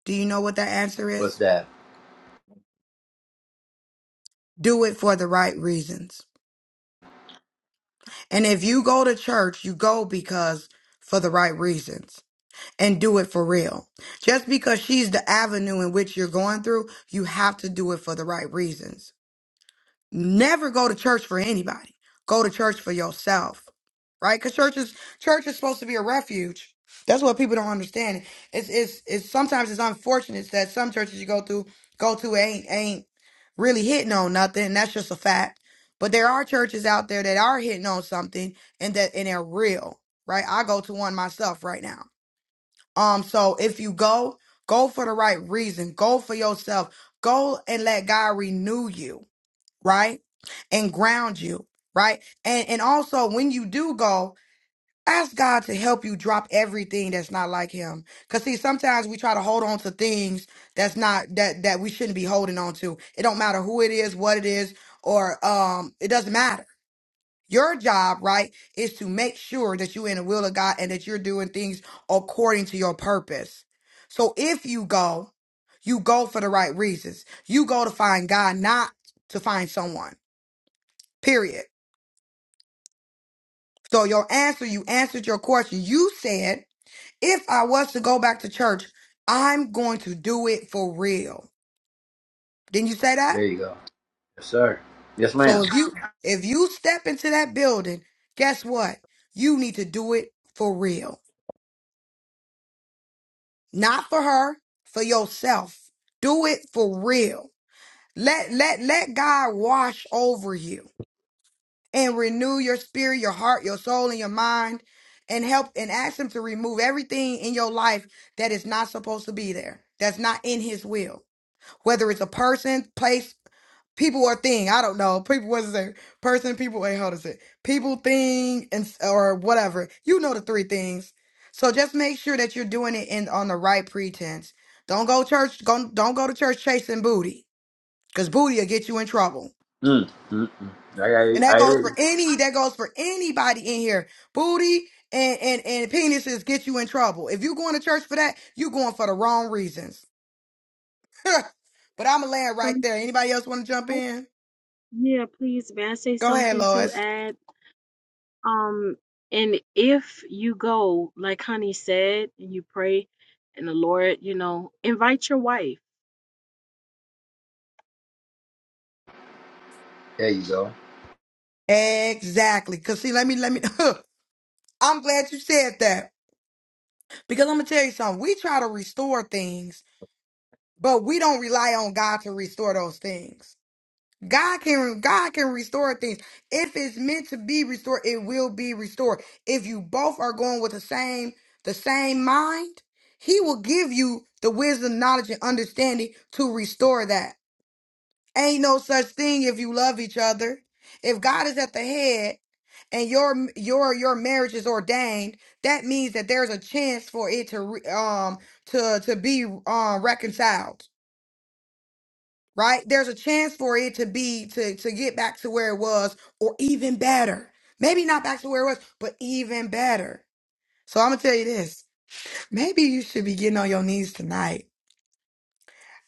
Do you know what that answer What's is? that? Do it for the right reasons. And if you go to church, you go because for the right reasons and do it for real. Just because she's the avenue in which you're going through, you have to do it for the right reasons. Never go to church for anybody. Go to church for yourself, right? Because church is church is supposed to be a refuge. That's what people don't understand. It's it's it's sometimes it's unfortunate that some churches you go through go to ain't ain't really hitting on nothing. And that's just a fact. But there are churches out there that are hitting on something and that and they're real, right? I go to one myself right now. Um, so if you go, go for the right reason. Go for yourself. Go and let God renew you right? And ground you, right? And and also when you do go, ask God to help you drop everything that's not like him. Cause see, sometimes we try to hold on to things that's not that that we shouldn't be holding on to. It don't matter who it is, what it is, or um it doesn't matter. Your job, right, is to make sure that you're in the will of God and that you're doing things according to your purpose. So if you go, you go for the right reasons. You go to find God, not to find someone. Period. So your answer, you answered your question. You said, if I was to go back to church, I'm going to do it for real. Didn't you say that? There you go. Yes, sir. Yes, ma'am. So if you if you step into that building, guess what? You need to do it for real. Not for her, for yourself. Do it for real. Let let let God wash over you. and renew your spirit, your heart, your soul, and your mind, and help and ask Him to remove everything in your life that is not supposed to be there, that's not in His will, whether it's a person, place, people, or thing. I don't know. People, what is it? Person, people, wait, hold on a it? People, thing, and s- or whatever. You know the three things. So just make sure that you're doing it in on the right pretense. Don't go church. Go, don't go to church chasing booty, cause booty will get you in trouble. Mm, mm, mm. And I, I, that I goes hear for you. any, that goes for anybody in here. Booty and, and, and penises get you in trouble. If you going to church for that, you going for the wrong reasons. but I'm going to land right Um, there. Anybody else want to jump I- in? yeah, please, may I say Go ahead, something to Lois. add? Um, and if you go, like Honey said, and you pray, and the Lord, you know, invite your wife. There you go. Exactly. Cause see, let me, let me, I'm glad you said that because I'm going to tell you something. We try to restore things, but we don't rely on God to restore those things. God can God can restore things. If it's meant to be restored, it will be restored. If you both are going with the same the same mind, he will give you the wisdom, knowledge, and understanding to restore that. Ain't no such thing if you love each other. If God is at the head and your your your marriage is ordained, that means that there's a chance for it to re- um to to be um reconciled right? There's a chance for it to be to to get back to where it was or even better. Maybe not back to where it was, but even better. So I'm gonna tell you this. Maybe you should be getting on your knees tonight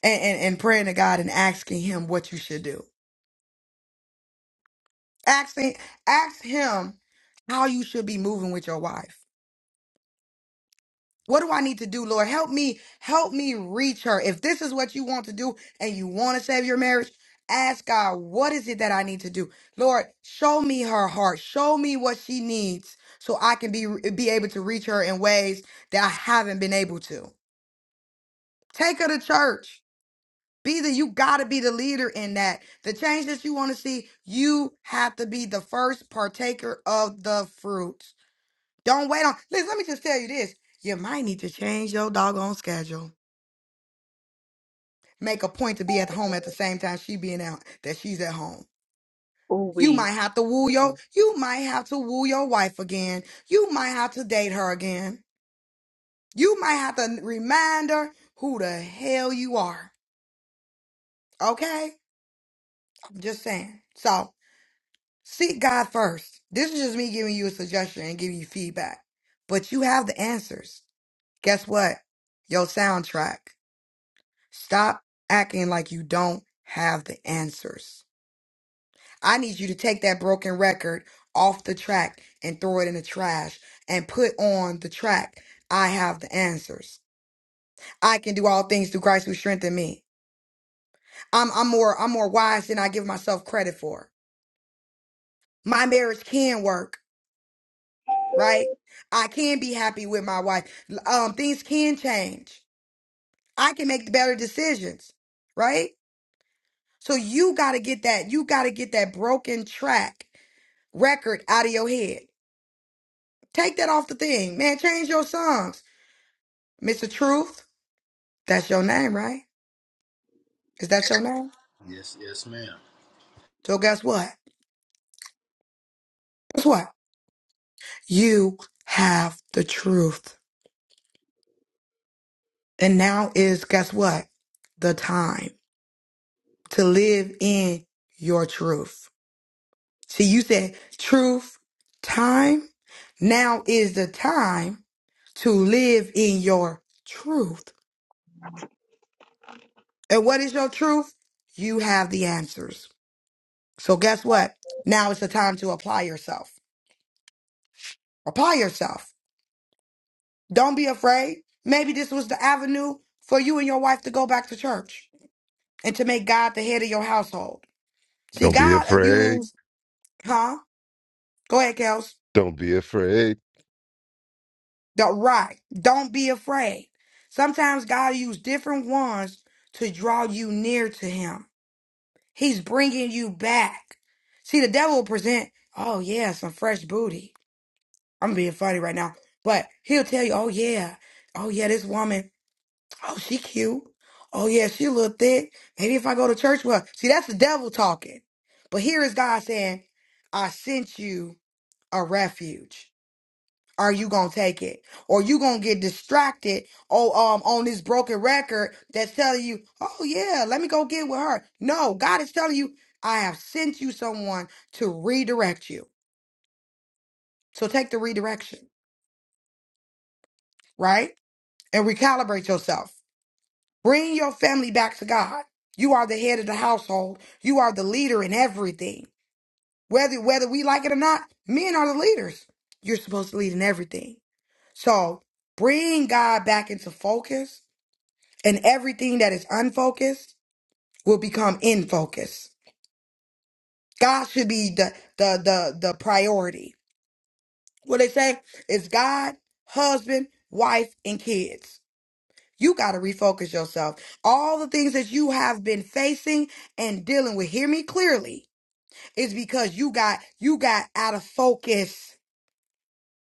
and, and, and praying to God and asking him what you should do. Asking ask him how you should be moving with your wife. What do I need to do, Lord? Help me, help me reach her. If this is what you want to do and you want to save your marriage, ask God, what is it that I need to do? Lord, show me her heart. Show me what she needs so I can be be able to reach her in ways that I haven't been able to. Take her to church. Be the you gotta be the leader in that. The change that you want to see, you have to be the first partaker of the fruit. Don't wait on. Listen, let me just tell you this. You might need to change your doggone schedule. make a point to be at home at the same time she being out that she's at home. Oh, You might we. have to woo Yeah. your you might have to woo your wife again. You might have to date her again. You might have to remind her who the hell you are. Okay? I'm just saying. So seek God first. This is just me giving you a suggestion and giving you feedback. But you have the answers. Guess what? Your soundtrack. Stop acting like you don't have the answers. I need you to take that broken record off the track and throw it in the trash and put on the track. I have the answers. I can do all things through Christ who strengthened me. I'm I'm more I'm more wise than I give myself credit for. My marriage can work, right? I can be happy with my wife. Um, things can change. I can make better decisions, right? So you gotta get that, you gotta get that broken track record out of your head. Take that off the thing, man. Change your songs, Mr. Truth. That's your name, right? Is that your name? Yes, yes, ma'am. So guess what? Guess what? You have the truth, and now is guess what? The time to live in your truth. See, you said truth, time. Now is the time to live in your truth. And what is your truth? You have the answers. So guess what? Now is the time to apply yourself. Apply yourself. Don't be afraid. Maybe this was the avenue for you and your wife to go back to church and to make God the head of your household. See, Don't be God afraid. used, huh? Go ahead, Kels. Don't be afraid. The right. Don't be afraid. Sometimes God used different ones to draw you near to Him. He's bringing you back. See, the devil will present, oh yeah, some fresh booty. I'm being funny right now, but he'll tell you, oh yeah, oh yeah, this woman. Oh, she cute. Oh yeah, she a little thick. Maybe if I go to church with her. See, that's the devil talking. But here is God saying, I sent you a refuge. Are you gonna take it? Or you gonna get distracted oh um on this broken record that's telling you, oh yeah, let me go get with her. No, God is telling you, I have sent you someone to redirect you. So take the redirection, right? And recalibrate yourself. Bring your family back to God. You are the head of the household. You are the leader in everything. Whether whether we like it or not, men are the leaders. You're supposed to lead in everything. So bring God back into focus, and everything that is unfocused will become in focus. God should be the the the the priority. What they say is God, husband, wife, and kids. You got to refocus yourself. All the things that you have been facing and dealing with, hear me clearly, is because you got you got out of focus.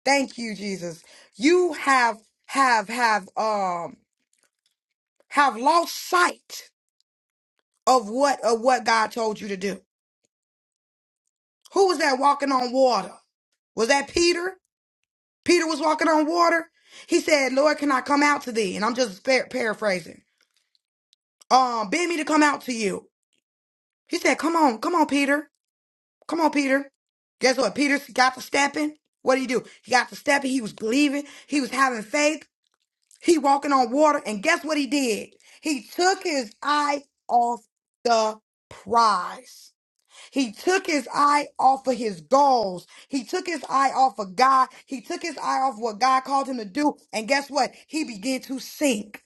Thank you, Jesus. You have have have um have lost sight of what of what God told you to do. Who was that walking on water? Was that Peter? Peter was walking on water. He said, "Lord, can I come out to thee?" And I'm just par- paraphrasing. Um, bid me to come out to you. He said, "Come on, come on, Peter." Come on, Peter. Guess what? Peter got the stepping. What did he do? He got the stepping. He was believing. He was having faith. He walking on water. And guess what he did? He took his eye off the prize. He took his eye off of his goals. He took his eye off of God. He took his eye off what God called him to do. And guess what? He began to sink.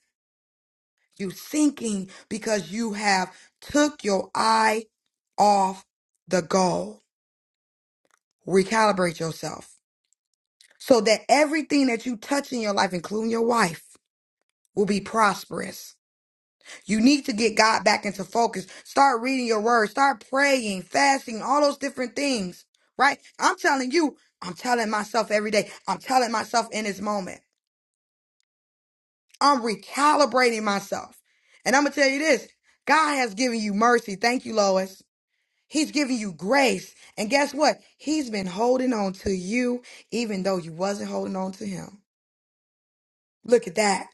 You sinking because you have took your eye off the goal. Recalibrate yourself so that everything that you touch in your life, including your wife, will be prosperous. You need to get God back into focus. Start reading your word, start praying, fasting, all those different things, right? I'm telling you, I'm telling myself every day, I'm telling myself in this moment, I'm recalibrating myself. And I'm going to tell you this God has given you mercy. Thank you, Lois. He's giving you grace. And guess what? He's been holding on to you even though you wasn't holding on to him. Look at that.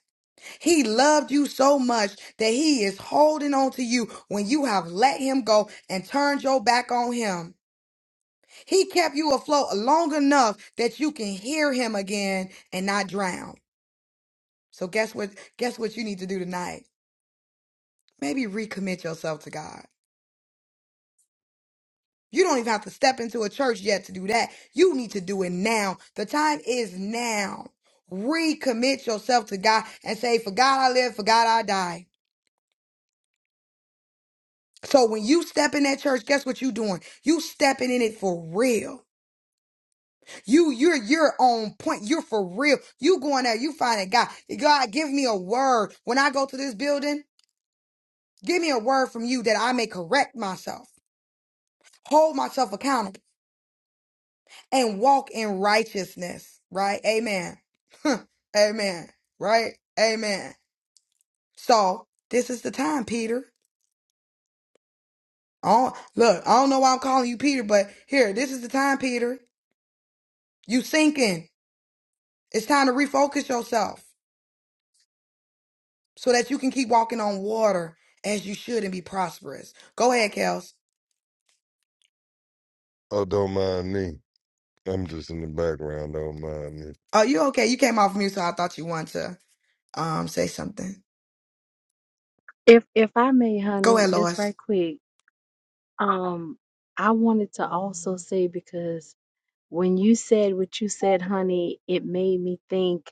He loved you so much that he is holding on to you when you have let him go and turned your back on him. He kept you afloat long enough that you can hear him again and not drown. So guess what guess what you need to do tonight? Maybe recommit yourself to God. You don't even have to step into a church yet to do that. You need to do it now. The time is now. Recommit yourself to God and say, For God I live, for God I die. So when you step in that church, guess what you doing? You stepping in it for real. You you're you're on point. You're for real. You going there? you finding God. God, give me a word. When I go to this building, give me a word from you that I may correct myself, hold myself accountable, and walk in righteousness. Right? Amen. Huh. Amen. Right? Amen. So this is the time, Peter. Oh, look, I don't know why I'm calling you Peter, but here, this is the time, Peter. You sinking. It's time to refocus yourself so that you can keep walking on water as you should and be prosperous. Go ahead, Kels. Oh, don't mind me. I'm just in the background. Don't mind me. Are you okay? You came off mute, so I thought you wanted to um say something. If if I may, Go honey, ahead, just Lois. right quick. Um, I wanted to also say because when you said what you said, honey, it made me think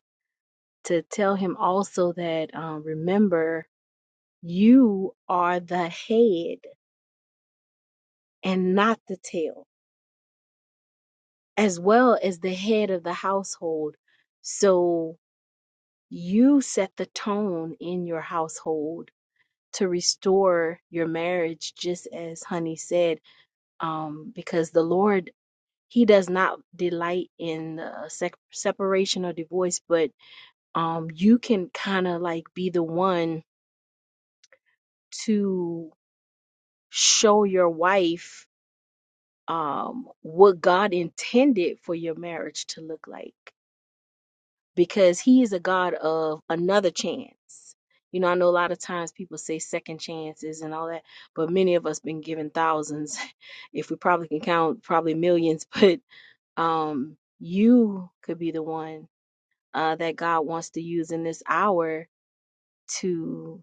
to tell him also that um, remember you are the head and not the tail, as well as the head of the household. So you set the tone in your household to restore your marriage, just as honey said, um, because the Lord he does not delight in uh, sec- separation or divorce but um you can kind of like be the one to show your wife um what God intended for your marriage to look like because he is a God of another chance. You know, I know a lot of times people say second chances and all that, but many of us been given thousands, if we probably can count, probably millions, but um you could be the one uh, that God wants to use in this hour to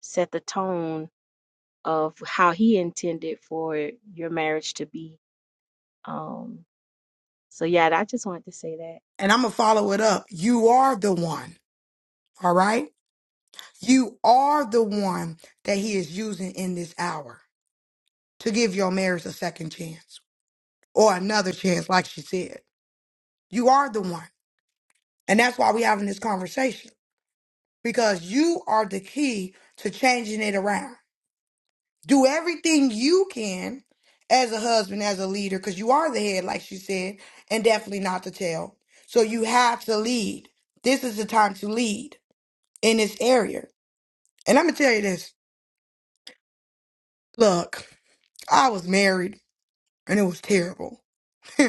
set the tone of how He intended for your marriage to be. Um, so yeah, I just wanted to say that. And I'm gonna follow it up. You are the one, all right? You are the one that he is using in this hour to give your marriage a second chance or another chance, like she said. You are the one. And that's why we're having this conversation because you are the key to changing it around. Do everything you can as a husband, as a leader, because you are the head, like she said, and definitely not the tail. So you have to lead. This is the time to lead in this area. And I'm going to tell you this look, I was married and it was terrible.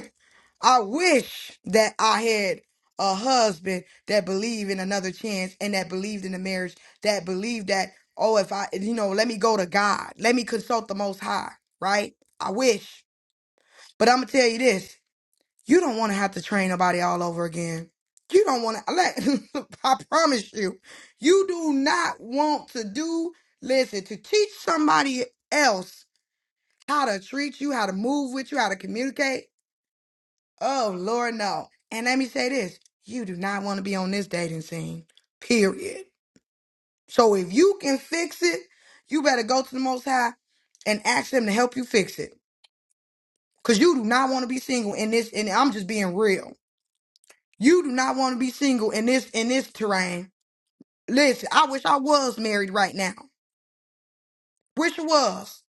I wish that I had a husband that believed in another chance and that believed in the marriage, that believed that, oh, if I, you know, let me go to God, let me consult the Most High, right? I wish. But I'm gonna tell you this: you don't want to have to train nobody all over again. You don't want to. Like, I promise you, you do not want to do. Listen, to teach somebody else how to treat you, how to move with you, how to communicate. Oh Lord, no. And let me say this: you do not want to be on this dating scene. Period. So if you can fix it, you better go to the Most High and ask them to help you fix it. Cause you do not want to be single in this. And I'm just being real. You do not want to be single in this in this terrain. Listen, I wish I was married right now. Wish I was.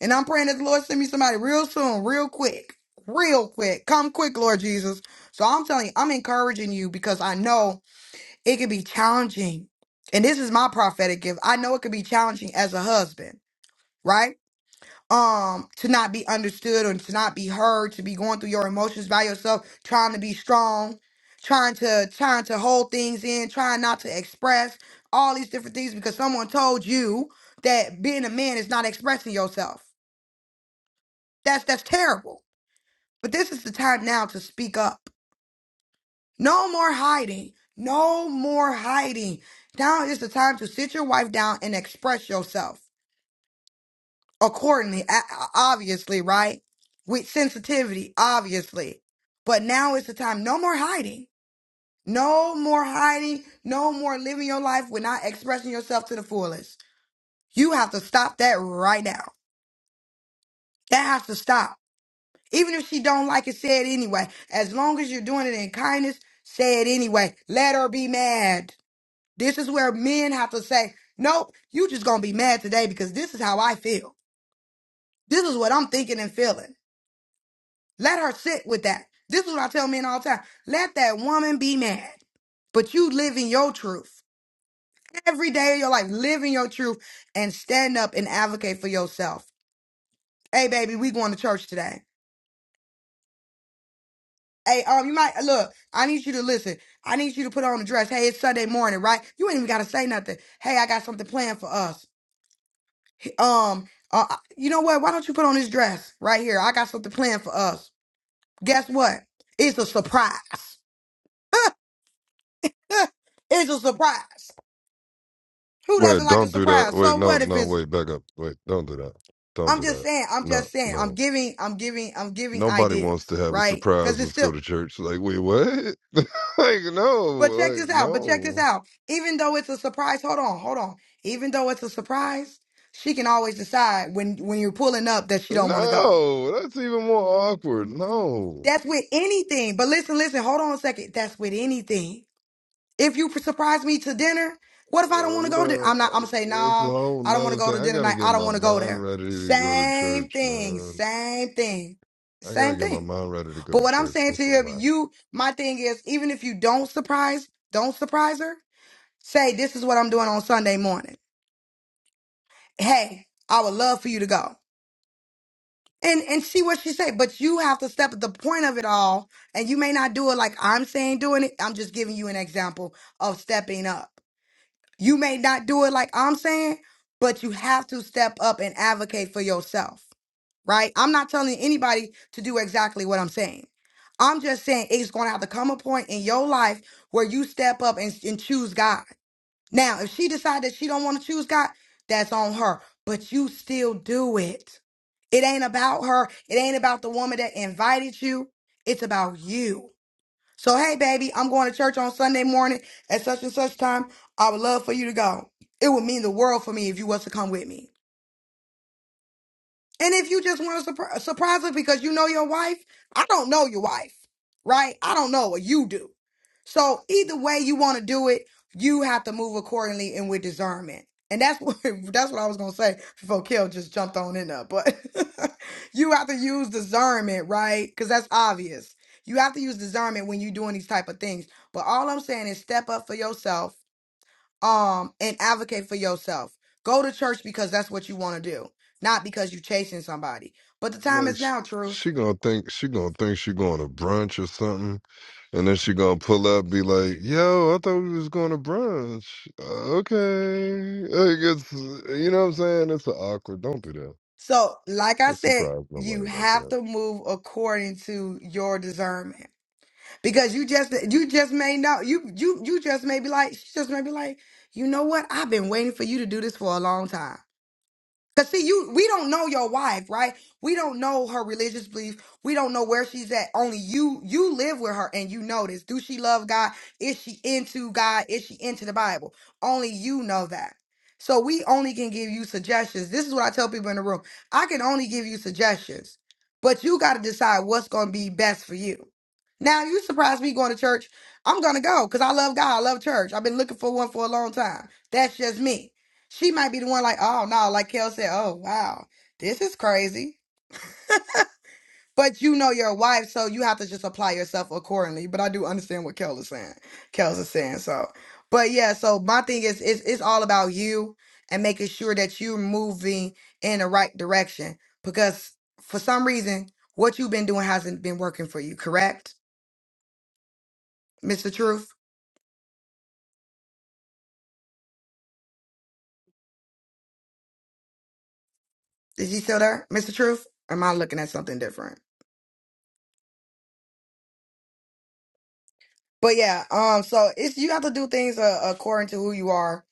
And I'm praying that the Lord send me somebody real soon, real quick. Real quick. Come quick, Lord Jesus. So I'm telling you, I'm encouraging you because I know it can be challenging. And this is my prophetic gift. I know it can be challenging as a husband, right? um to not be understood or to not be heard to be going through your emotions by yourself trying to be strong trying to trying to hold things in trying not to express all these different things because someone told you that being a man is not expressing yourself that's that's terrible but this is the time now to speak up no more hiding no more hiding now is the time to sit your wife down and express yourself accordingly, a- obviously, right? With sensitivity, obviously. But now is the time. No more hiding. No more hiding. No more living your life with not expressing yourself to the fullest. You have to stop that right now. That has to stop. Even if she don't like it, say it anyway. As long as you're doing it in kindness, say it anyway. Let her be mad. This is where men have to say, nope, you just gonna be mad today because this is how I feel. This is what I'm thinking and feeling. Let her sit with that. This is what I tell men all the time. Let that woman be mad. But you live in your truth. Every day of your life, live in your truth and stand up and advocate for yourself. Hey, baby, we going to church today. Hey, um, you might look, I need you to listen. I need you to put on a dress. Hey, it's Sunday morning, right? You ain't even gotta say nothing. Hey, I got something planned for us. Um, uh, uh, you know what? Why don't you put on this dress right here? I got something planned for us. Guess what? It's a surprise. it's a surprise. Who Wait, doesn't like a don't do that. surprise? Wait, So no, what if no, it's wait, back up. Wait, don't do that. Don't I'm do just that. saying, I'm No, just saying, I'm no. giving, I'm giving, I'm giving Nobody wants to ideals, have a right? surprise. Because it's Let's go still to church. Like, wait, what? like, no, but check like, this out, but check this no. out. Even though it's a surprise, hold on, hold on. Even though it's a surprise, she can always decide when when you're pulling up that she don't want to go. No, that's even more awkward. No. That's with anything. But listen, listen, hold on a second. That's with anything If you surprise me to dinner, what if I don't Uh, want to go to dinner? man, I'm not, I'm gonna say, that's a nah, whole I don't want to nother go thing. to I dinner gotta night. get I don't my want to go mind there. ready to go to Same church, thing, man. same thing, I gotta same get my thing. mind ready to go But to what I'm church. saying to That's a you, if lot. you, my thing is, even if you don't surprise, don't surprise her. Say, this is what I'm doing on Sunday morning. Hey, I would love for you to go. And, and see what she say, but you have to step at the point of it all, and you may not do it like I'm saying doing it. I'm just giving you an example of stepping up. You may not do it like I'm saying, but you have to step up and advocate for yourself, right? I'm not telling anybody to do exactly what I'm saying. I'm just saying it's going to have to come a point in your life where you step up and, and choose God. Now, if she decides that she don't want to choose God, that's on her, but you still do it. It ain't about her. It ain't about the woman that invited you. It's about you. So, hey, baby, I'm going to church on Sunday morning at such and such time. I would love for you to go. It would mean the world for me if you was to come with me. And if you just want to surpri- surprise her because you know your wife, I don't know your wife, right? I don't know what you do. So either way you want to do it, you have to move accordingly and with discernment. And that's what that's what I was gonna say before Kill just jumped on in there. But you have to use discernment, right? Because that's obvious. You have to use discernment when you're doing these type of things. But all I'm saying is step up for yourself um and advocate for yourself. Go to church because that's what you want to do, not because you're chasing somebody. But the time Like, is she, now, truth. she gonna think she gonna think she going to brunch or something, and then she gonna pull up, be like, "Yo, I thought we was going to brunch." Uh, okay, like it's you know what I'm saying. It's awkward. Don't do that. So, like I Don't said, surprise you nobody like have that. to move according to your discernment because you just you just may know you you you just may be like she just may be like you know what I've been waiting for you to do this for a long time. Cause see, you we don't know your wife, right? We don't know her religious belief. We don't know where she's at. Only you you live with her and you know this. Do she love God? Is she into God? Is she into the Bible? Only you know that. So we only can give you suggestions. This is what I tell people in the room. I can only give you suggestions, but you gotta decide what's gonna be best for you. Now, if you surprise me going to church, I'm gonna go because I love God. I love church. I've been looking for one for a long time. That's just me. She might be the one like, oh no, like Kel said, oh wow, this is crazy. But you know your wife, so you have to just apply yourself accordingly. But I do understand what Kel is saying. Kel's is saying so. But yeah, so my thing is, it's it's all about you and making sure that you're moving in the right direction. Because for some reason, what you've been doing hasn't been working for you. Correct, Mr. Truth? Is he still there, Mr. Truth? Or am I looking at something different? But yeah, um, so it's you have to do things uh, according to who you are,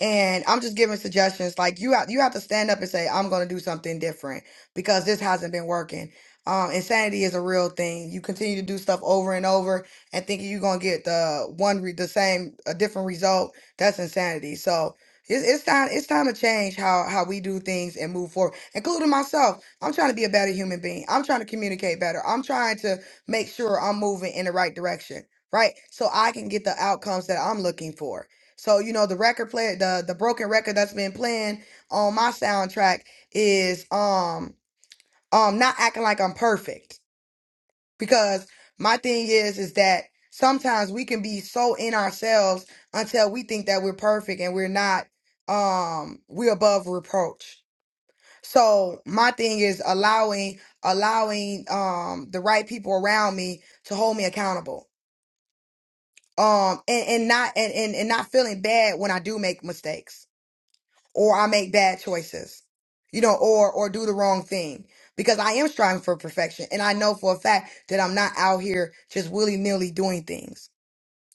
and I'm just giving suggestions. Like you have you have to stand up and say I'm going to do something different because this hasn't been working. Um, insanity is a real thing. You continue to do stuff over and over and thinking you're going to get the one re- the same a different result. That's insanity. So. It's, it's time. It's time to change how how we do things and move forward, including myself. I'm trying to be a better human being. I'm trying to communicate better. I'm trying to make sure I'm moving in the right direction right? So I can get the outcomes that I'm looking for. So you know the record player, the the broken record that's been playing on my soundtrack is um um not acting like I'm perfect because my thing is is that sometimes we can be so in ourselves until we think that we're perfect and we're not um we're above reproach. So my thing is allowing allowing um the right people around me to hold me accountable um and, and not and, and and not feeling bad when I do make mistakes or I make bad choices, you know, or or do the wrong thing because I am striving for perfection and I know for a fact that I'm not out here just willy nilly doing things.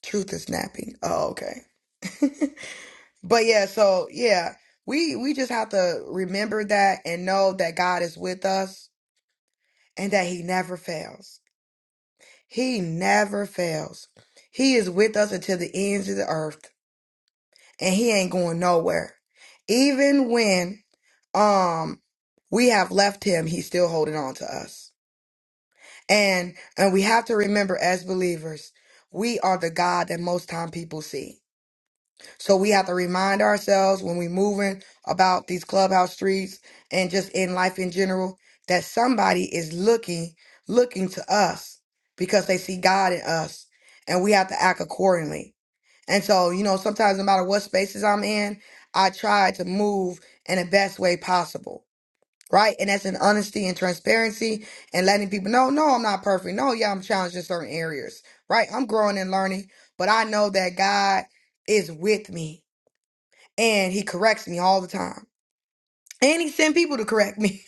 Truth is snapping. Oh, okay. But yeah, so yeah, we we just have to remember that and know that God is with us and that He never fails. He never fails. He is with us until the ends of the earth. and he ain't going nowhere. Even when um we have left him, he's still holding on to us. And and we have to remember as believers, we are the God that most time people see. So we have to remind ourselves when we moving about these clubhouse streets and just in life in general that somebody is looking looking to us because they see God in us and we have to act accordingly. And so, you know, sometimes no matter what spaces I'm in, I try to move in the best way possible. Right. And that's in honesty and transparency and letting people know, no, I'm not perfect. No, yeah, I'm challenged in certain areas. Right. I'm growing and learning, but I know that God is with me and he corrects me all the time. And he sent people to correct me.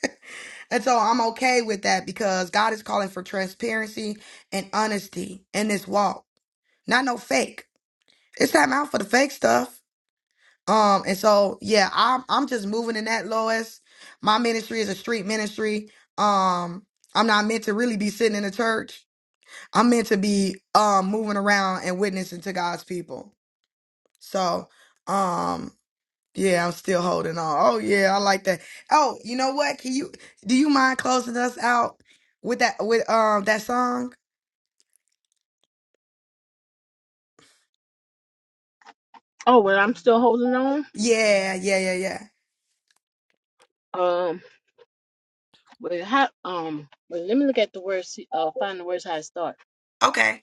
and so I'm okay with that because God is calling for transparency and honesty in this walk, not no fake. It's time out for the fake stuff. Um, and so yeah, I'm I'm just moving in that, Lois. My ministry is a street ministry. Um, I'm not meant to really be sitting in a church. I'm meant to be um moving around and witnessing to God's people. So um yeah, I'm still holding on. Oh yeah, I like that. Oh, you know what? Can you do you mind closing us out with that with um that song? Oh, well, I'm still holding on. Yeah, yeah, yeah, yeah. Um, but how, um, wait, let me look at the words, uh, find the words how to start. Okay.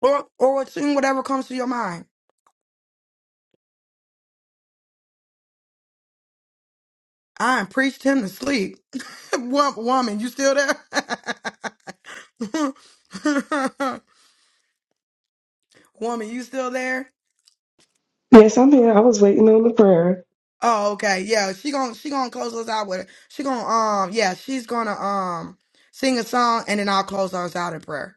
Or or sing whatever comes to your mind. I ain't preached him to sleep. Wo- Woman, you still there? Woman, you still there? Yes, I'm here. I was waiting on the prayer. Oh, okay. Yeah, she gonna she gonna close us out with it. She gonna um yeah, she's gonna um sing a song and then I'll close us out in prayer.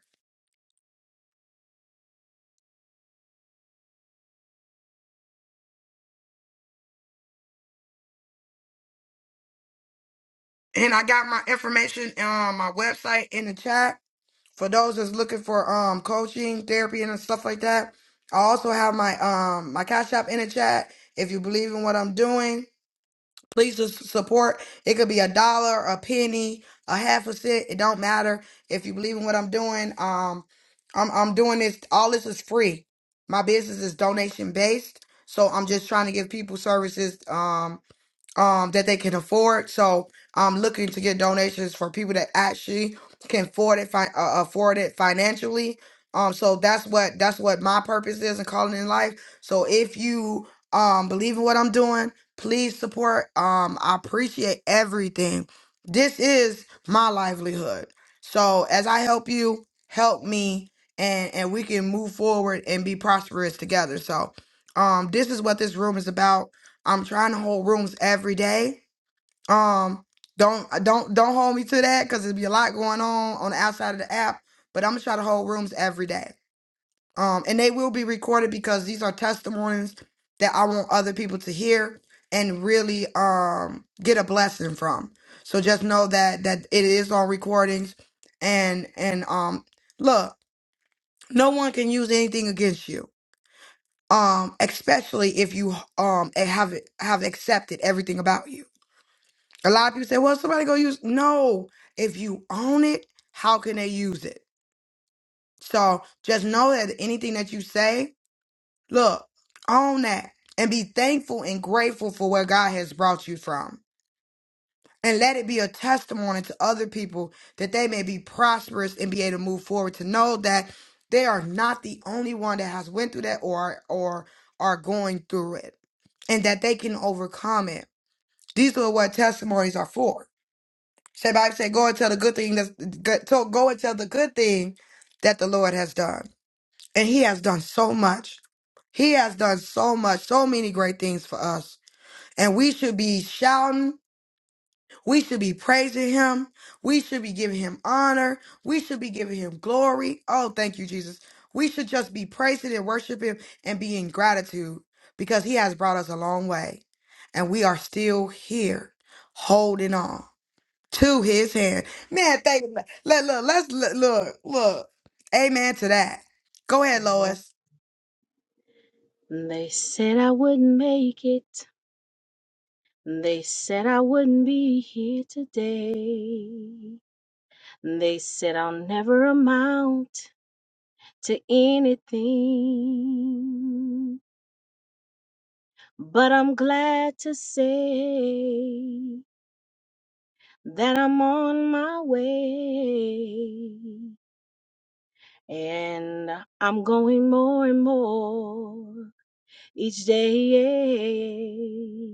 And I got my information on my website in the chat for those that's looking for um coaching, therapy, and stuff like that. I also have my um my cash app in the chat if you believe in what I'm doing. Please just support. It could be a dollar, a penny, a half a cent. It don't matter if you believe in what I'm doing. Um, I'm I'm doing this. All this is free. My business is donation based, so I'm just trying to give people services. Um, um that they can afford. So I'm looking to get donations for people that actually can afford it fi- uh, afford it financially. Um so that's what that's what my purpose is and calling in life. So if you um believe in what I'm doing, please support. Um I appreciate everything. This is my livelihood. So as I help you, help me and and we can move forward and be prosperous together. So um this is what this room is about I'm trying to hold rooms every day. Um, don't don't don't hold me to that because there'll be a lot going on on the outside of the app. But I'm gonna try to hold rooms every day. Um, and they will be recorded because these are testimonies that I want other people to hear and really um get a blessing from. So just know that that it is on recordings, and and um look, no one can use anything against you. Um, especially if you um have have accepted everything about you A lot of people say, well, somebody go use. No, if you own it, how can they use it? So just know that anything that you say, look, own that and be thankful and grateful for where God has brought you from. And let it be a testimony to other people that they may be prosperous and be able to move forward to know that they are not the only one that has went through that or or are going through it and that they can overcome it. These are what testimonies are for Shabbat said, "Go and tell the good thing that's good. To, go and tell the good thing that the Lord has done, and He has done so much. He has done so much, so many great things for us, and we should be shouting. We should be praising Him. We should be giving Him honor. We should be giving Him glory. Oh, thank you, Jesus. We should just be praising and worshiping and be in gratitude because He has brought us a long way, and we are still here, holding on." to his hand. Man, thank you. Let, look, let's look, look, look. Amen to that. Go ahead, Amen. Lois. They said I wouldn't make it. They said I wouldn't be here today. They said I'll never amount. to anything. But I'm glad to say that I'm on my way. And I'm going more and more each day.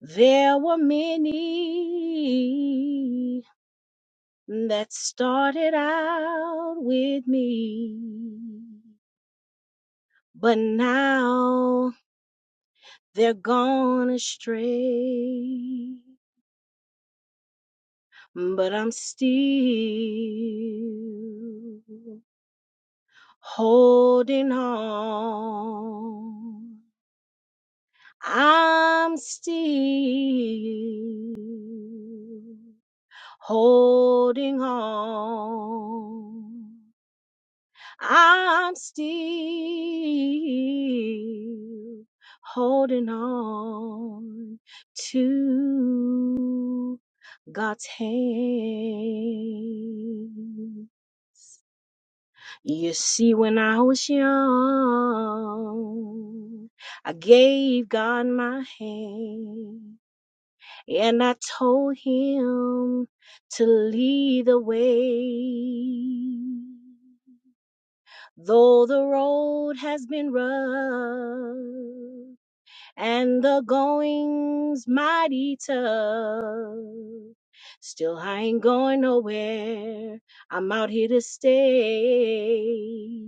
There were many that started out with me, but now They're gone astray, but I'm still holding on. I'm still holding on. I'm still holding on to God's hand. You see, when I was young, I gave God my hand and I told Him to lead the way. Though the road has been rough and the going's mighty tough, still I ain't going nowhere. I'm out here to stay.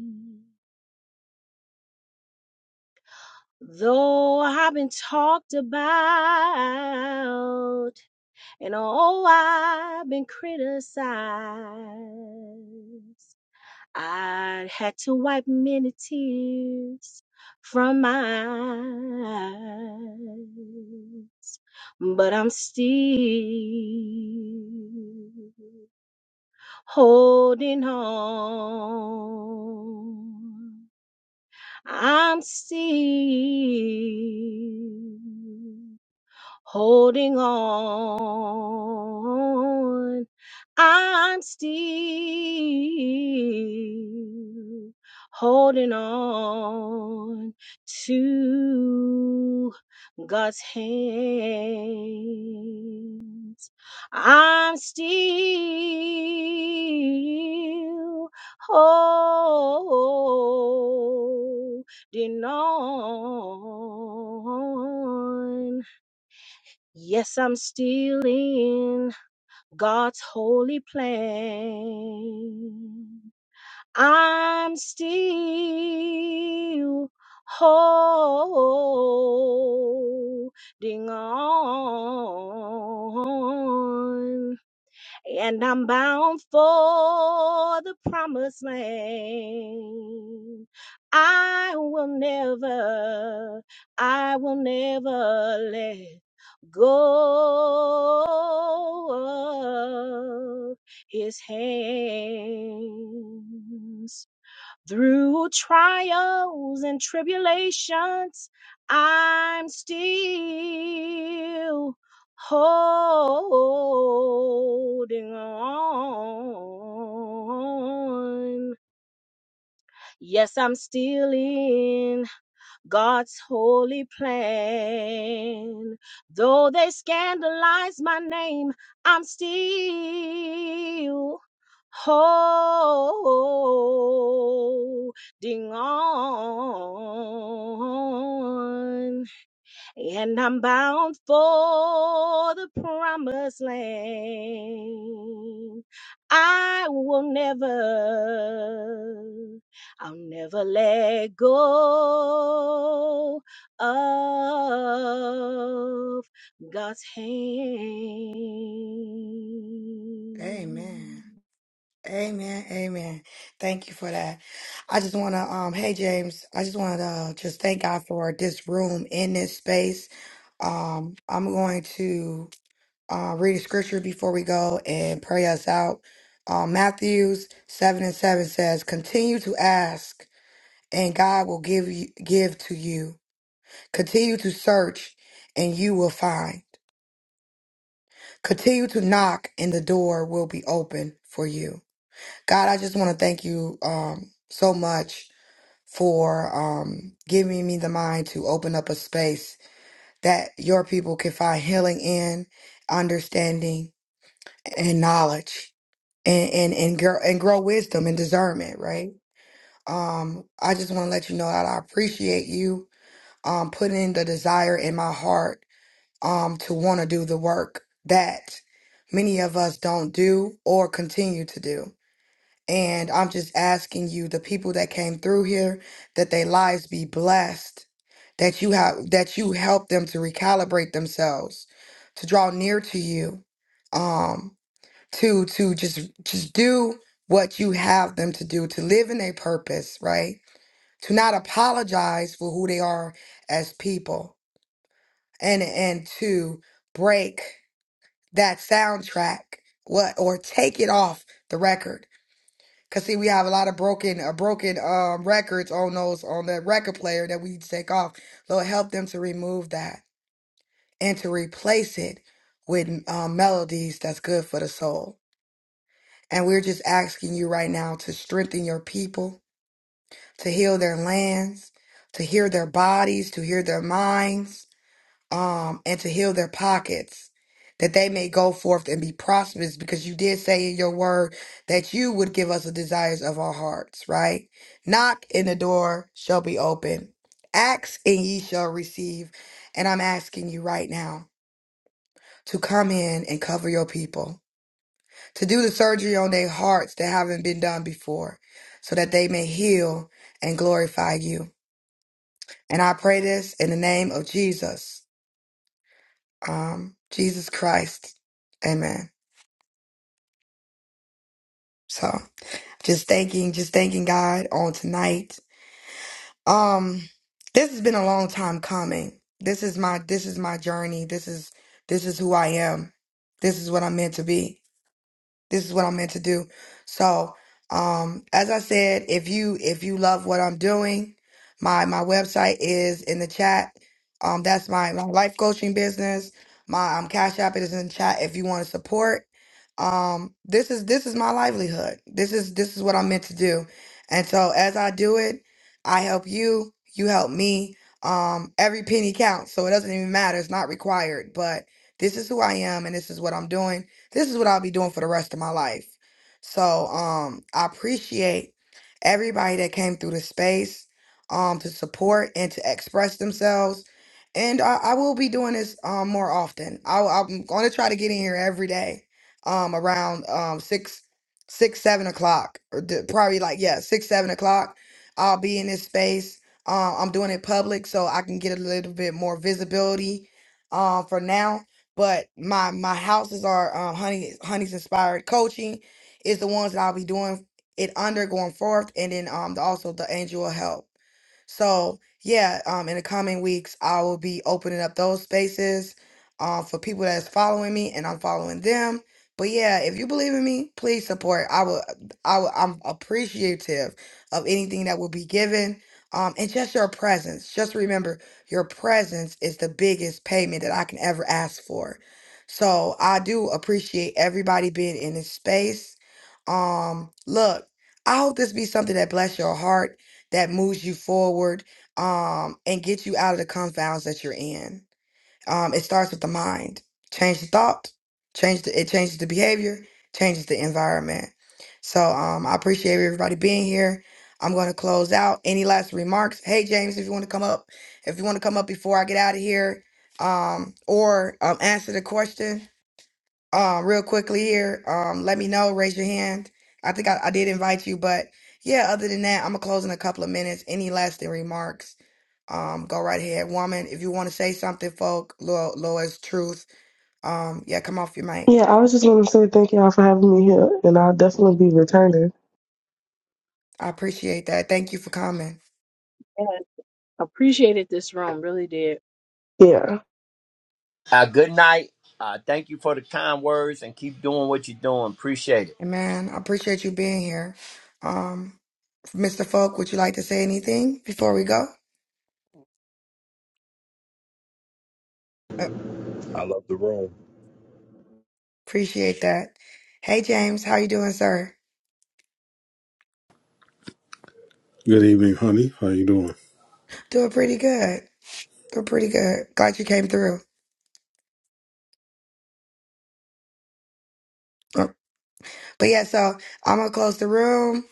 Though I've been talked about and oh, I've been criticized, I had to wipe many tears from my eyes, but I'm still holding on. I'm still holding on. I'm still holding on to God's hand. I'm still holding on Yes, I'm still in God's holy plan. I'm still holding on and I'm bound for the promised land. I will never, I will never let go of his hands. Through trials and tribulations, I'm still holding on. Yes, I'm still in. God's holy plan. Though they scandalize my name, I'm still holding on and I'm bound for the promised land. I will never, I'll never let go of God's hand. Amen. Amen. Amen. Thank you for that. I just want to, um, hey, James, I just want to uh, just thank God for this room in this space. Um, I'm going to uh, read a scripture before we go and pray us out. Um, Matthews 7 and 7 says, continue to ask and God will give you, give to you. Continue to search and you will find. Continue to knock and the door will be open for you. God, I just want to thank you um, so much for um, giving me the mind to open up a space that your people can find healing in, understanding, and knowledge and and and grow and grow wisdom and discernment, right? Um, I just want to let you know that I appreciate you um putting the desire in my heart um, to want to do the work that many of us don't do or continue to do. And I'm just asking you, the people that came through here, that their lives be blessed, that you have that you help them to recalibrate themselves, to draw near to you, um, to to just just do what you have them to do, to live in a purpose, right? To not apologize for who they are as people, and and to break that soundtrack what or take it off the record because see we have a lot of broken uh, broken um records on those on the record player that we need to take off lord help them to remove that and to replace it with um, melodies that's good for the soul and we're just asking you right now to strengthen your people to heal their lands to heal their bodies to heal their minds um, and to heal their pockets, that they may go forth and be prosperous, because you did say in your word that you would give us the desires of our hearts, right? Knock and the door shall be open. Ask and ye shall receive. And I'm asking you right now to come in and cover your people, to do the surgery on their hearts that haven't been done before, so that they may heal and glorify you. And I pray this in the name of Jesus. um, Jesus Christ. Amen. So just thanking, just thanking God on tonight. Um, this has been a long time coming. This is my, this is my journey. This is, this is who I am. This is what I'm meant to be. this is what I'm meant to do. So, um, as I said, if you if you love what I'm doing, my my website is in the chat. Um, that's my my life coaching business. My um, Cash App is in chat if you want to support. Um, this is this is my livelihood. This is this is what I'm meant to do. And so as I do it, I help you, you help me. Um, every penny counts, so it doesn't even matter. It's not required, but this is who I am and this is what I'm doing. This is what I'll be doing for the rest of my life. So um I appreciate everybody that came through the space um to support and to express themselves. And I, I will be doing this um more often. I, I'm gonna try to get in here every day um around um six six seven o'clock or d- probably like yeah six seven o'clock I'll be in this space um, I'm doing it public so I can get a little bit more visibility um, for now but my my houses are um, honey honey's inspired coaching is the ones that I'll be doing it under going forth, and then um the, also the angel of help. So yeah, um, in the coming weeks, I will be opening up those spaces um, for people that's following me, and I'm following them. But yeah, if you believe in me, please support. I will, I will, I'm appreciative of anything that will be given, um, and just your presence. Just remember, your presence is the biggest payment that I can ever ask for. So I do appreciate everybody being in this space. Um, look, I hope this be something that bless your heart, that moves you forward, um, and get you out of the confounds that you're in. Um, it starts with the mind. Change the thought, change the, it changes the behavior, changes the environment. So um, I appreciate everybody being here. I'm going to close out. Any last remarks? Hey, James, if you want to come up, if you want to come up before I get out of here, um, or um, answer the question um, real quickly here, um, let me know. Raise your hand. I think I, I did invite you, but yeah. Other than that, I'm gonna close in a couple of minutes. Any lasting remarks? Um, go right ahead, woman. If you want to say something, folk, Lo- Lois Truth, um, yeah, come off your mic. Yeah, I was just going to say thank y'all for having me here, and I'll definitely be returning. I appreciate that. Thank you for coming. And appreciated this room, really did. Yeah. Uh, good night. Uh, thank you for the kind words and keep doing what you're doing. Appreciate it. Amen. I appreciate you being here. Um, Mr. Folk, would you like to say anything before we go? Uh, I love the room. Appreciate that. Hey, James, how you doing, sir? Good evening, honey. How you doing? Doing pretty good. Doing pretty good. Glad you came through. Uh, But yeah, so I'm gonna close the room.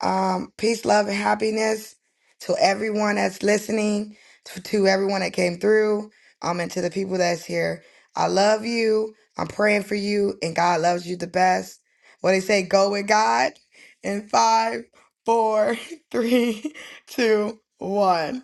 Um, peace, love, and happiness to everyone that's listening, to, to everyone that came through, um, and to the people that's here. I love you. I'm praying for you, and God loves you the best. What they say, go with God. In five, four, three, two, one.